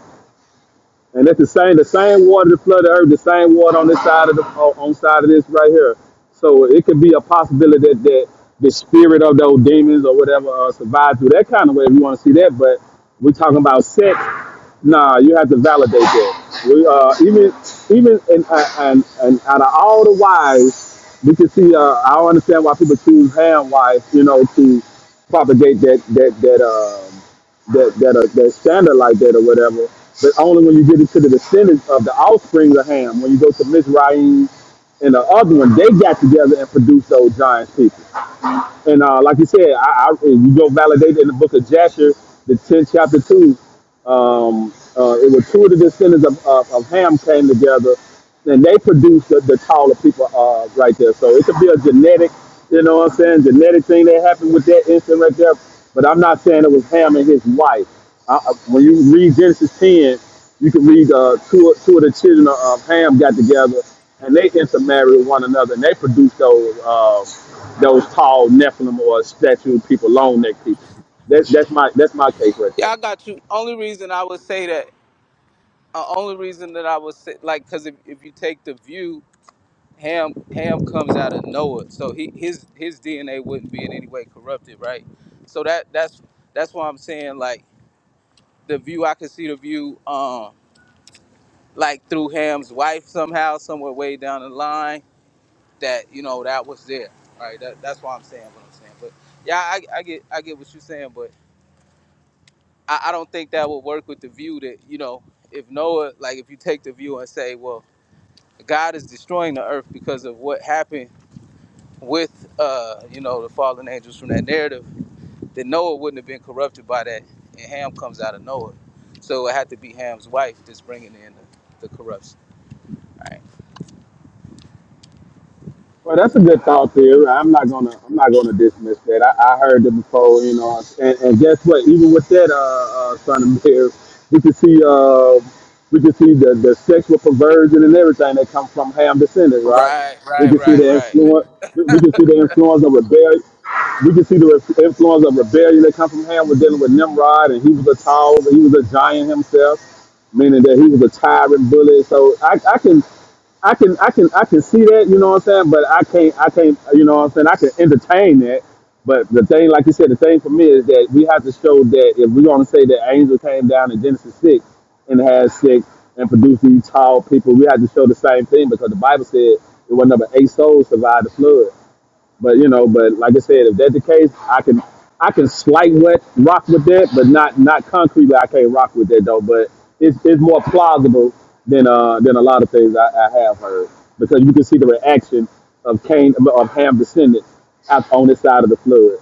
H: and that's the same the same water that flooded the earth, the same water on this side of the on on side of this right here. So it could be a possibility that, that the spirit of those demons or whatever uh, survived through that kind of way if you want to see that. But we're talking about sex. Nah, you have to validate that. We uh, even even and and and out of all the wives, we can see. Uh, I don't understand why people choose hand wives, you know, to propagate that that that. Um, that that are that standard like that or whatever. But only when you get into the descendants of the offspring of Ham, when you go to Mizraim and the other one, they got together and produced those giant people. And uh, like you said, I, I, you go validate in the book of Jasher, the 10th chapter 2. Um, uh, it was two of the descendants of, of, of Ham came together, and they produced the, the taller people uh, right there. So it could be a genetic, you know what I'm saying, genetic thing that happened with that instant right there. But I'm not saying it was Ham and his wife. I, I, when you read Genesis 10, you can read uh, two, two of the children of Ham got together, and they intermarried with one another, and they produced those. Uh, those tall Nephilim or statue people, long neck people. That's that's my that's my case right
C: yeah
H: there.
C: i got you only reason i would say that uh, only reason that i would say like because if, if you take the view Ham Ham comes out of Noah, so he his his DNA wouldn't be in any way corrupted, right? So that that's that's why I'm saying like the view I could see the view um like through Ham's wife somehow somewhere way down the line that you know that was there, right? That, that's why I'm saying what I'm saying. But yeah, I, I get I get what you're saying, but I, I don't think that would work with the view that you know if Noah like if you take the view and say well God is destroying the earth because of what happened with uh, you know the fallen angels from that narrative, then Noah wouldn't have been corrupted by that, and Ham comes out of Noah, so it had to be Ham's wife that's bringing in the, the corruption.
H: Well, that's a good thought theory. I'm not gonna I'm not gonna dismiss that. I, I heard it before, you know. And, and guess what? Even with that, uh, uh, son of Mary, we can see uh, we can see the, the sexual perversion and everything that comes from Ham descendants, right?
C: Right,
H: We
C: right,
H: can see
C: right,
H: the
C: right.
H: influence. We we can see the influence of rebellion. We can see the re- influence of rebellion that comes from Ham. We're dealing with Nimrod, and he was a tall, he was a giant himself meaning that he was a tyrant bully. So I, I can, I can, I can, I can see that. You know what I'm saying? But I can't, I can't. You know what I'm saying? I can entertain that. But the thing, like you said, the thing for me is that we have to show that if we're going to say that angel came down in Genesis six and had sex and produced these tall people, we have to show the same thing because the Bible said it wasn't but eight souls survived the flood. But you know, but like I said, if that's the case, I can I can slight what rock with that, but not not concretely. I can't rock with that though. But it's it's more plausible than uh than a lot of things I, I have heard because you can see the reaction of Cain of Ham descendants out on this side of the flood.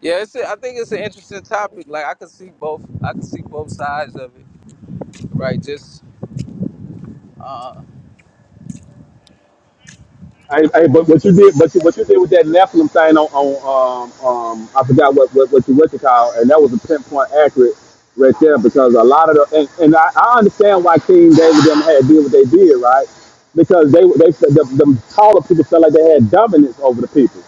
C: Yeah, it's a, I think it's an interesting topic. Like I can see both, I can see both sides of it. Right, just uh,
H: I, I, but what you did, but you, what you did with that Nephilim thing on, on um, um, I forgot what, what, what you what you call, and that was a pinpoint accurate right there because a lot of the, and, and I, I understand why King David them had to do what they did, right? Because they, they, the, the taller people felt like they had dominance over the people.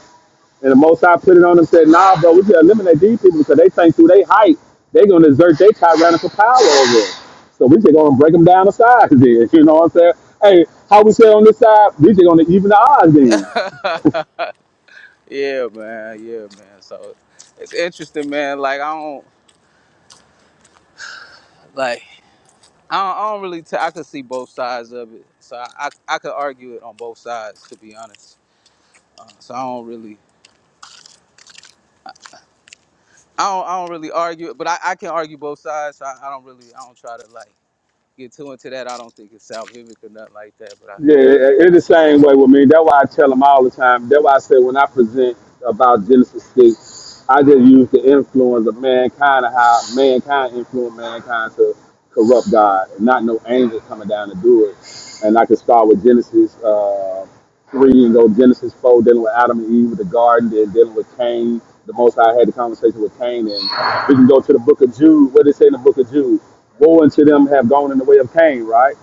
H: And the most High put it on them said, nah, bro, we should eliminate these people because they think through their height, they're going to exert their tyrannical power over us. So we should go and break them down to size then. You know what I'm saying? Hey, how we say on this side, we should going to even the odds then.
C: yeah, man, yeah, man. So it's interesting, man. Like I don't like I don't, I don't really t- I can see both sides of it, so I I, I could argue it on both sides to be honest. So I don't really, I don't, I don't really argue, but I, I can argue both sides. So I, I don't really, I don't try to like get too into that. I don't think it's salvific or nothing like that. But
H: Yeah, it's
C: I, I
H: the
C: see both.
H: same way with me. That's why I tell them all the time. That's why I say when I present about Genesis 6, I just use the influence of mankind and how mankind influenced mankind to corrupt God and not no angel coming down to do it. And I can start with Genesis uh, 3 and go Genesis 4, dealing with Adam and Eve with the garden, then dealing with Cain. The most High had the conversation with Cain, and we can go to the book of Jude. What they say in the book of Jude? Woe unto them have gone in the way of Cain, right?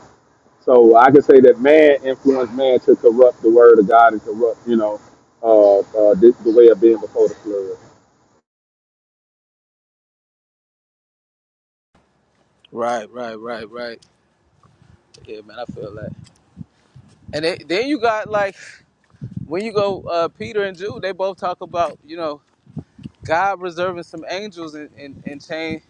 H: So I can say that man influenced man to corrupt the word of God and corrupt, you know, uh, uh, the, the way of being before the flood.
C: Right, right, right, right. Yeah, man, I feel that. And they, then you got like when you go uh, Peter and Jude, they both talk about you know God reserving some angels and and, and change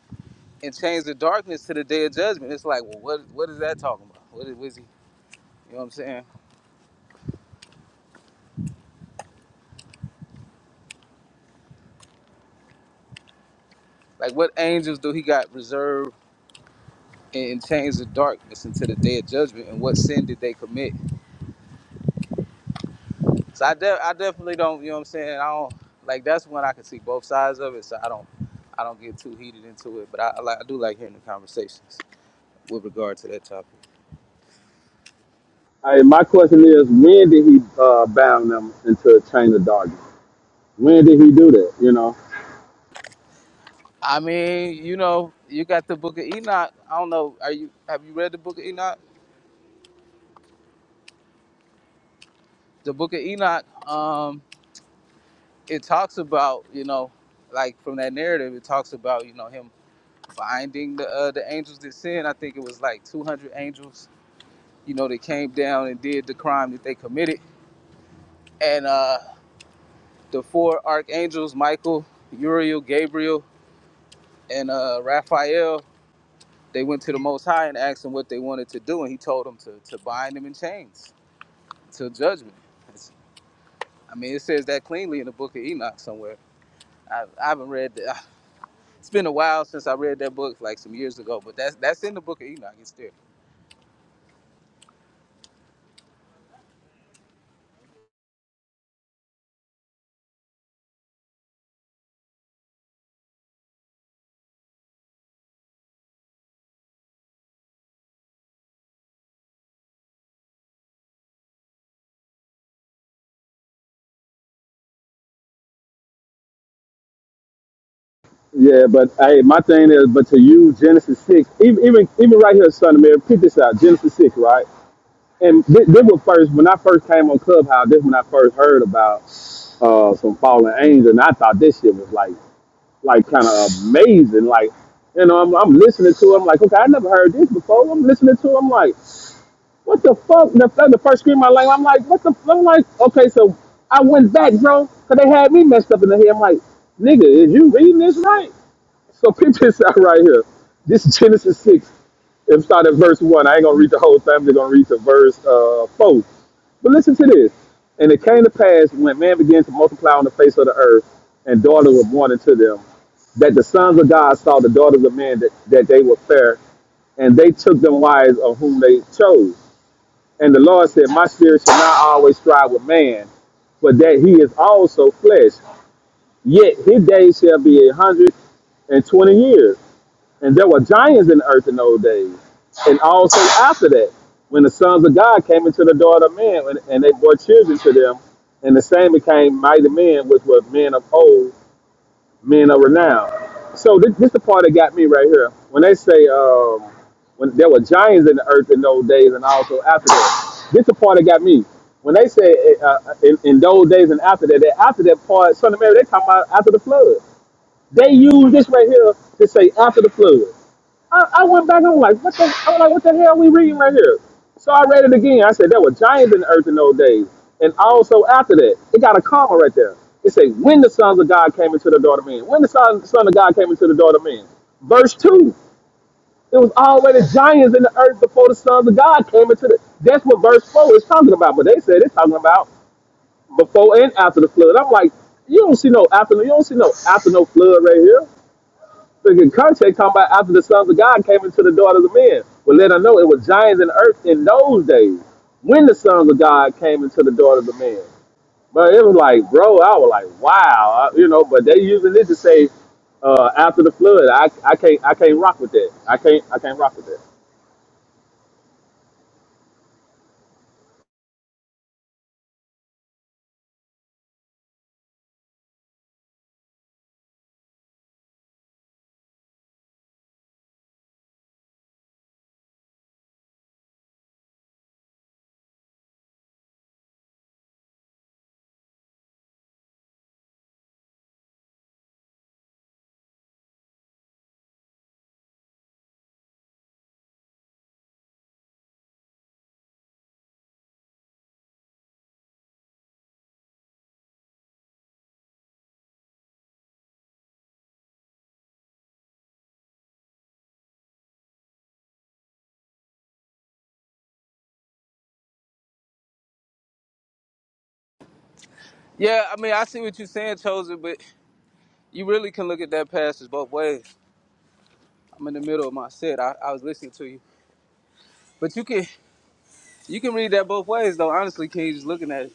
C: and change the darkness to the day of judgment. It's like, well, what what is that talking about? What is, what is he? You know what I'm saying? Like, what angels do he got reserved? and, change the darkness into the day of judgment and what sin did they commit so i, de- I definitely don't you know what i'm saying i don't like that's when i can see both sides of it so i don't i don't get too heated into it but i, I like i do like hearing the conversations with regard to that topic
H: All right, my question is, when did he uh, bound them into a chain of darkness? When did he do that? You know.
C: i mean you know you got the book of enoch i don't know are you have you read the book of enoch the book of enoch um it talks about you know like from that narrative it talks about you know him finding the uh, the angels that sin i think it was like 200 angels you know, they came down and did the crime that they committed. And uh, the four archangels, Michael, Uriel, Gabriel, and uh, Raphael, they went to the Most High and asked him what they wanted to do, and he told them to, to bind them in chains till judgment. It's- I mean, it says that cleanly in the book of Enoch somewhere. I, I haven't read that. It's been a while since I read that book, like some years ago, but that's that's in the book of Enoch. It's there.
H: Yeah, but hey, my thing is, but to you, Genesis six, even even, even right here, son of Mary, pick this out, Genesis six, right? And this, this was first when I first came on Clubhouse. This when I first heard about uh, some fallen angel, and I thought this shit was like like kind of amazing. Like, you know, I'm, I'm listening to it. I'm like, okay, I never heard this before. I'm listening to it. I'm like, what the fuck? The, like, the first scream I like, I'm like, what the? I'm like, okay, so I went back, bro, 'cause they had me messed up in the head. I'm like, nigga, is you reading this right? So picture this out right here. This is Genesis 6. It started at verse one. I ain't gonna read the whole thing. I'm just gonna read to verse uh, four. But listen to this. And it came to pass when man began to multiply on the face of the earth, and daughters were born unto them, that the sons of God saw the daughters of men that, that they were fair, and they took them wives of whom they chose. And the Lord said, My spirit shall not always strive with man, but that he is also flesh. Yet his days shall be a hundred and twenty years. And there were giants in the earth in those days. And also after that, when the sons of God came into the daughter of men and, and they bore children to them, and the same became mighty men, which were men of old, men of renown. So this, this the part that got me right here. When they say um, when there were giants in the earth in those days and also after that, this the part that got me. When they say eh, uh, in, in those days and after that, that after that part, son of Mary, they talking about after the flood. They use this right here to say after the flood. I, I went back and I'm like, what the? I'm like, what the hell are we reading right here? So I read it again. I said there were giants in the earth in those days, and also after that, it got a comma right there. It says, when the sons of God came into the daughter of men. When the son, son of God came into the daughter of men. Verse two. It was already giants in the earth before the sons of God came into the. That's what verse four is talking about. But they said it's talking about before and after the flood. I'm like, you don't see no after. You don't see no after no flood right here. So in context, talking about after the sons of God came into the daughters of men. Well, let us know it was giants in earth in those days when the sons of God came into the daughters of men. But it was like, bro, I was like, wow, I- you know. But they using it to say uh, after the flood. I, I can't I can't rock with that. I can't I can't rock with that.
C: Yeah, I mean, I see what you're saying, Chosen, but you really can look at that passage both ways. I'm in the middle of my set. I, I was listening to you. But you can you can read that both ways though. Honestly, King, just looking at it.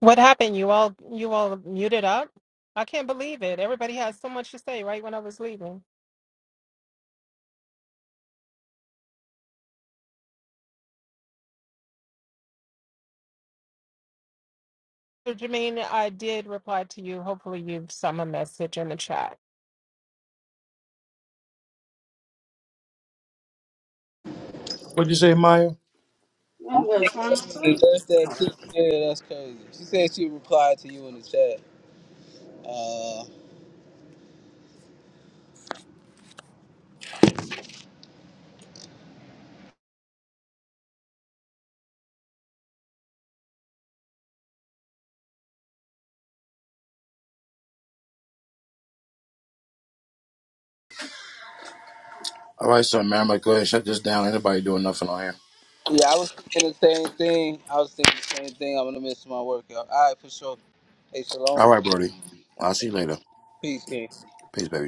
E: What happened? You all you all muted up? I can't believe it. Everybody has so much to say right when I was leaving. So Jermaine, I did reply to you. Hopefully you've sent a message in the chat.
F: what'd you say maya That
C: Man
F: was
C: came in and
F: wonderful.
C: left that clip there. That's crazy. She said she replied to you in the chat. Uh,
F: all right so man i'm gonna go ahead and shut this down ain't nobody doing nothing on here
C: yeah, I was thinking the same thing. I was thinking the same thing. I'm gonna miss my workout. All right, for sure. Hey, shalom.
F: all right brody i'll see you later
C: Peace, King.
F: peace baby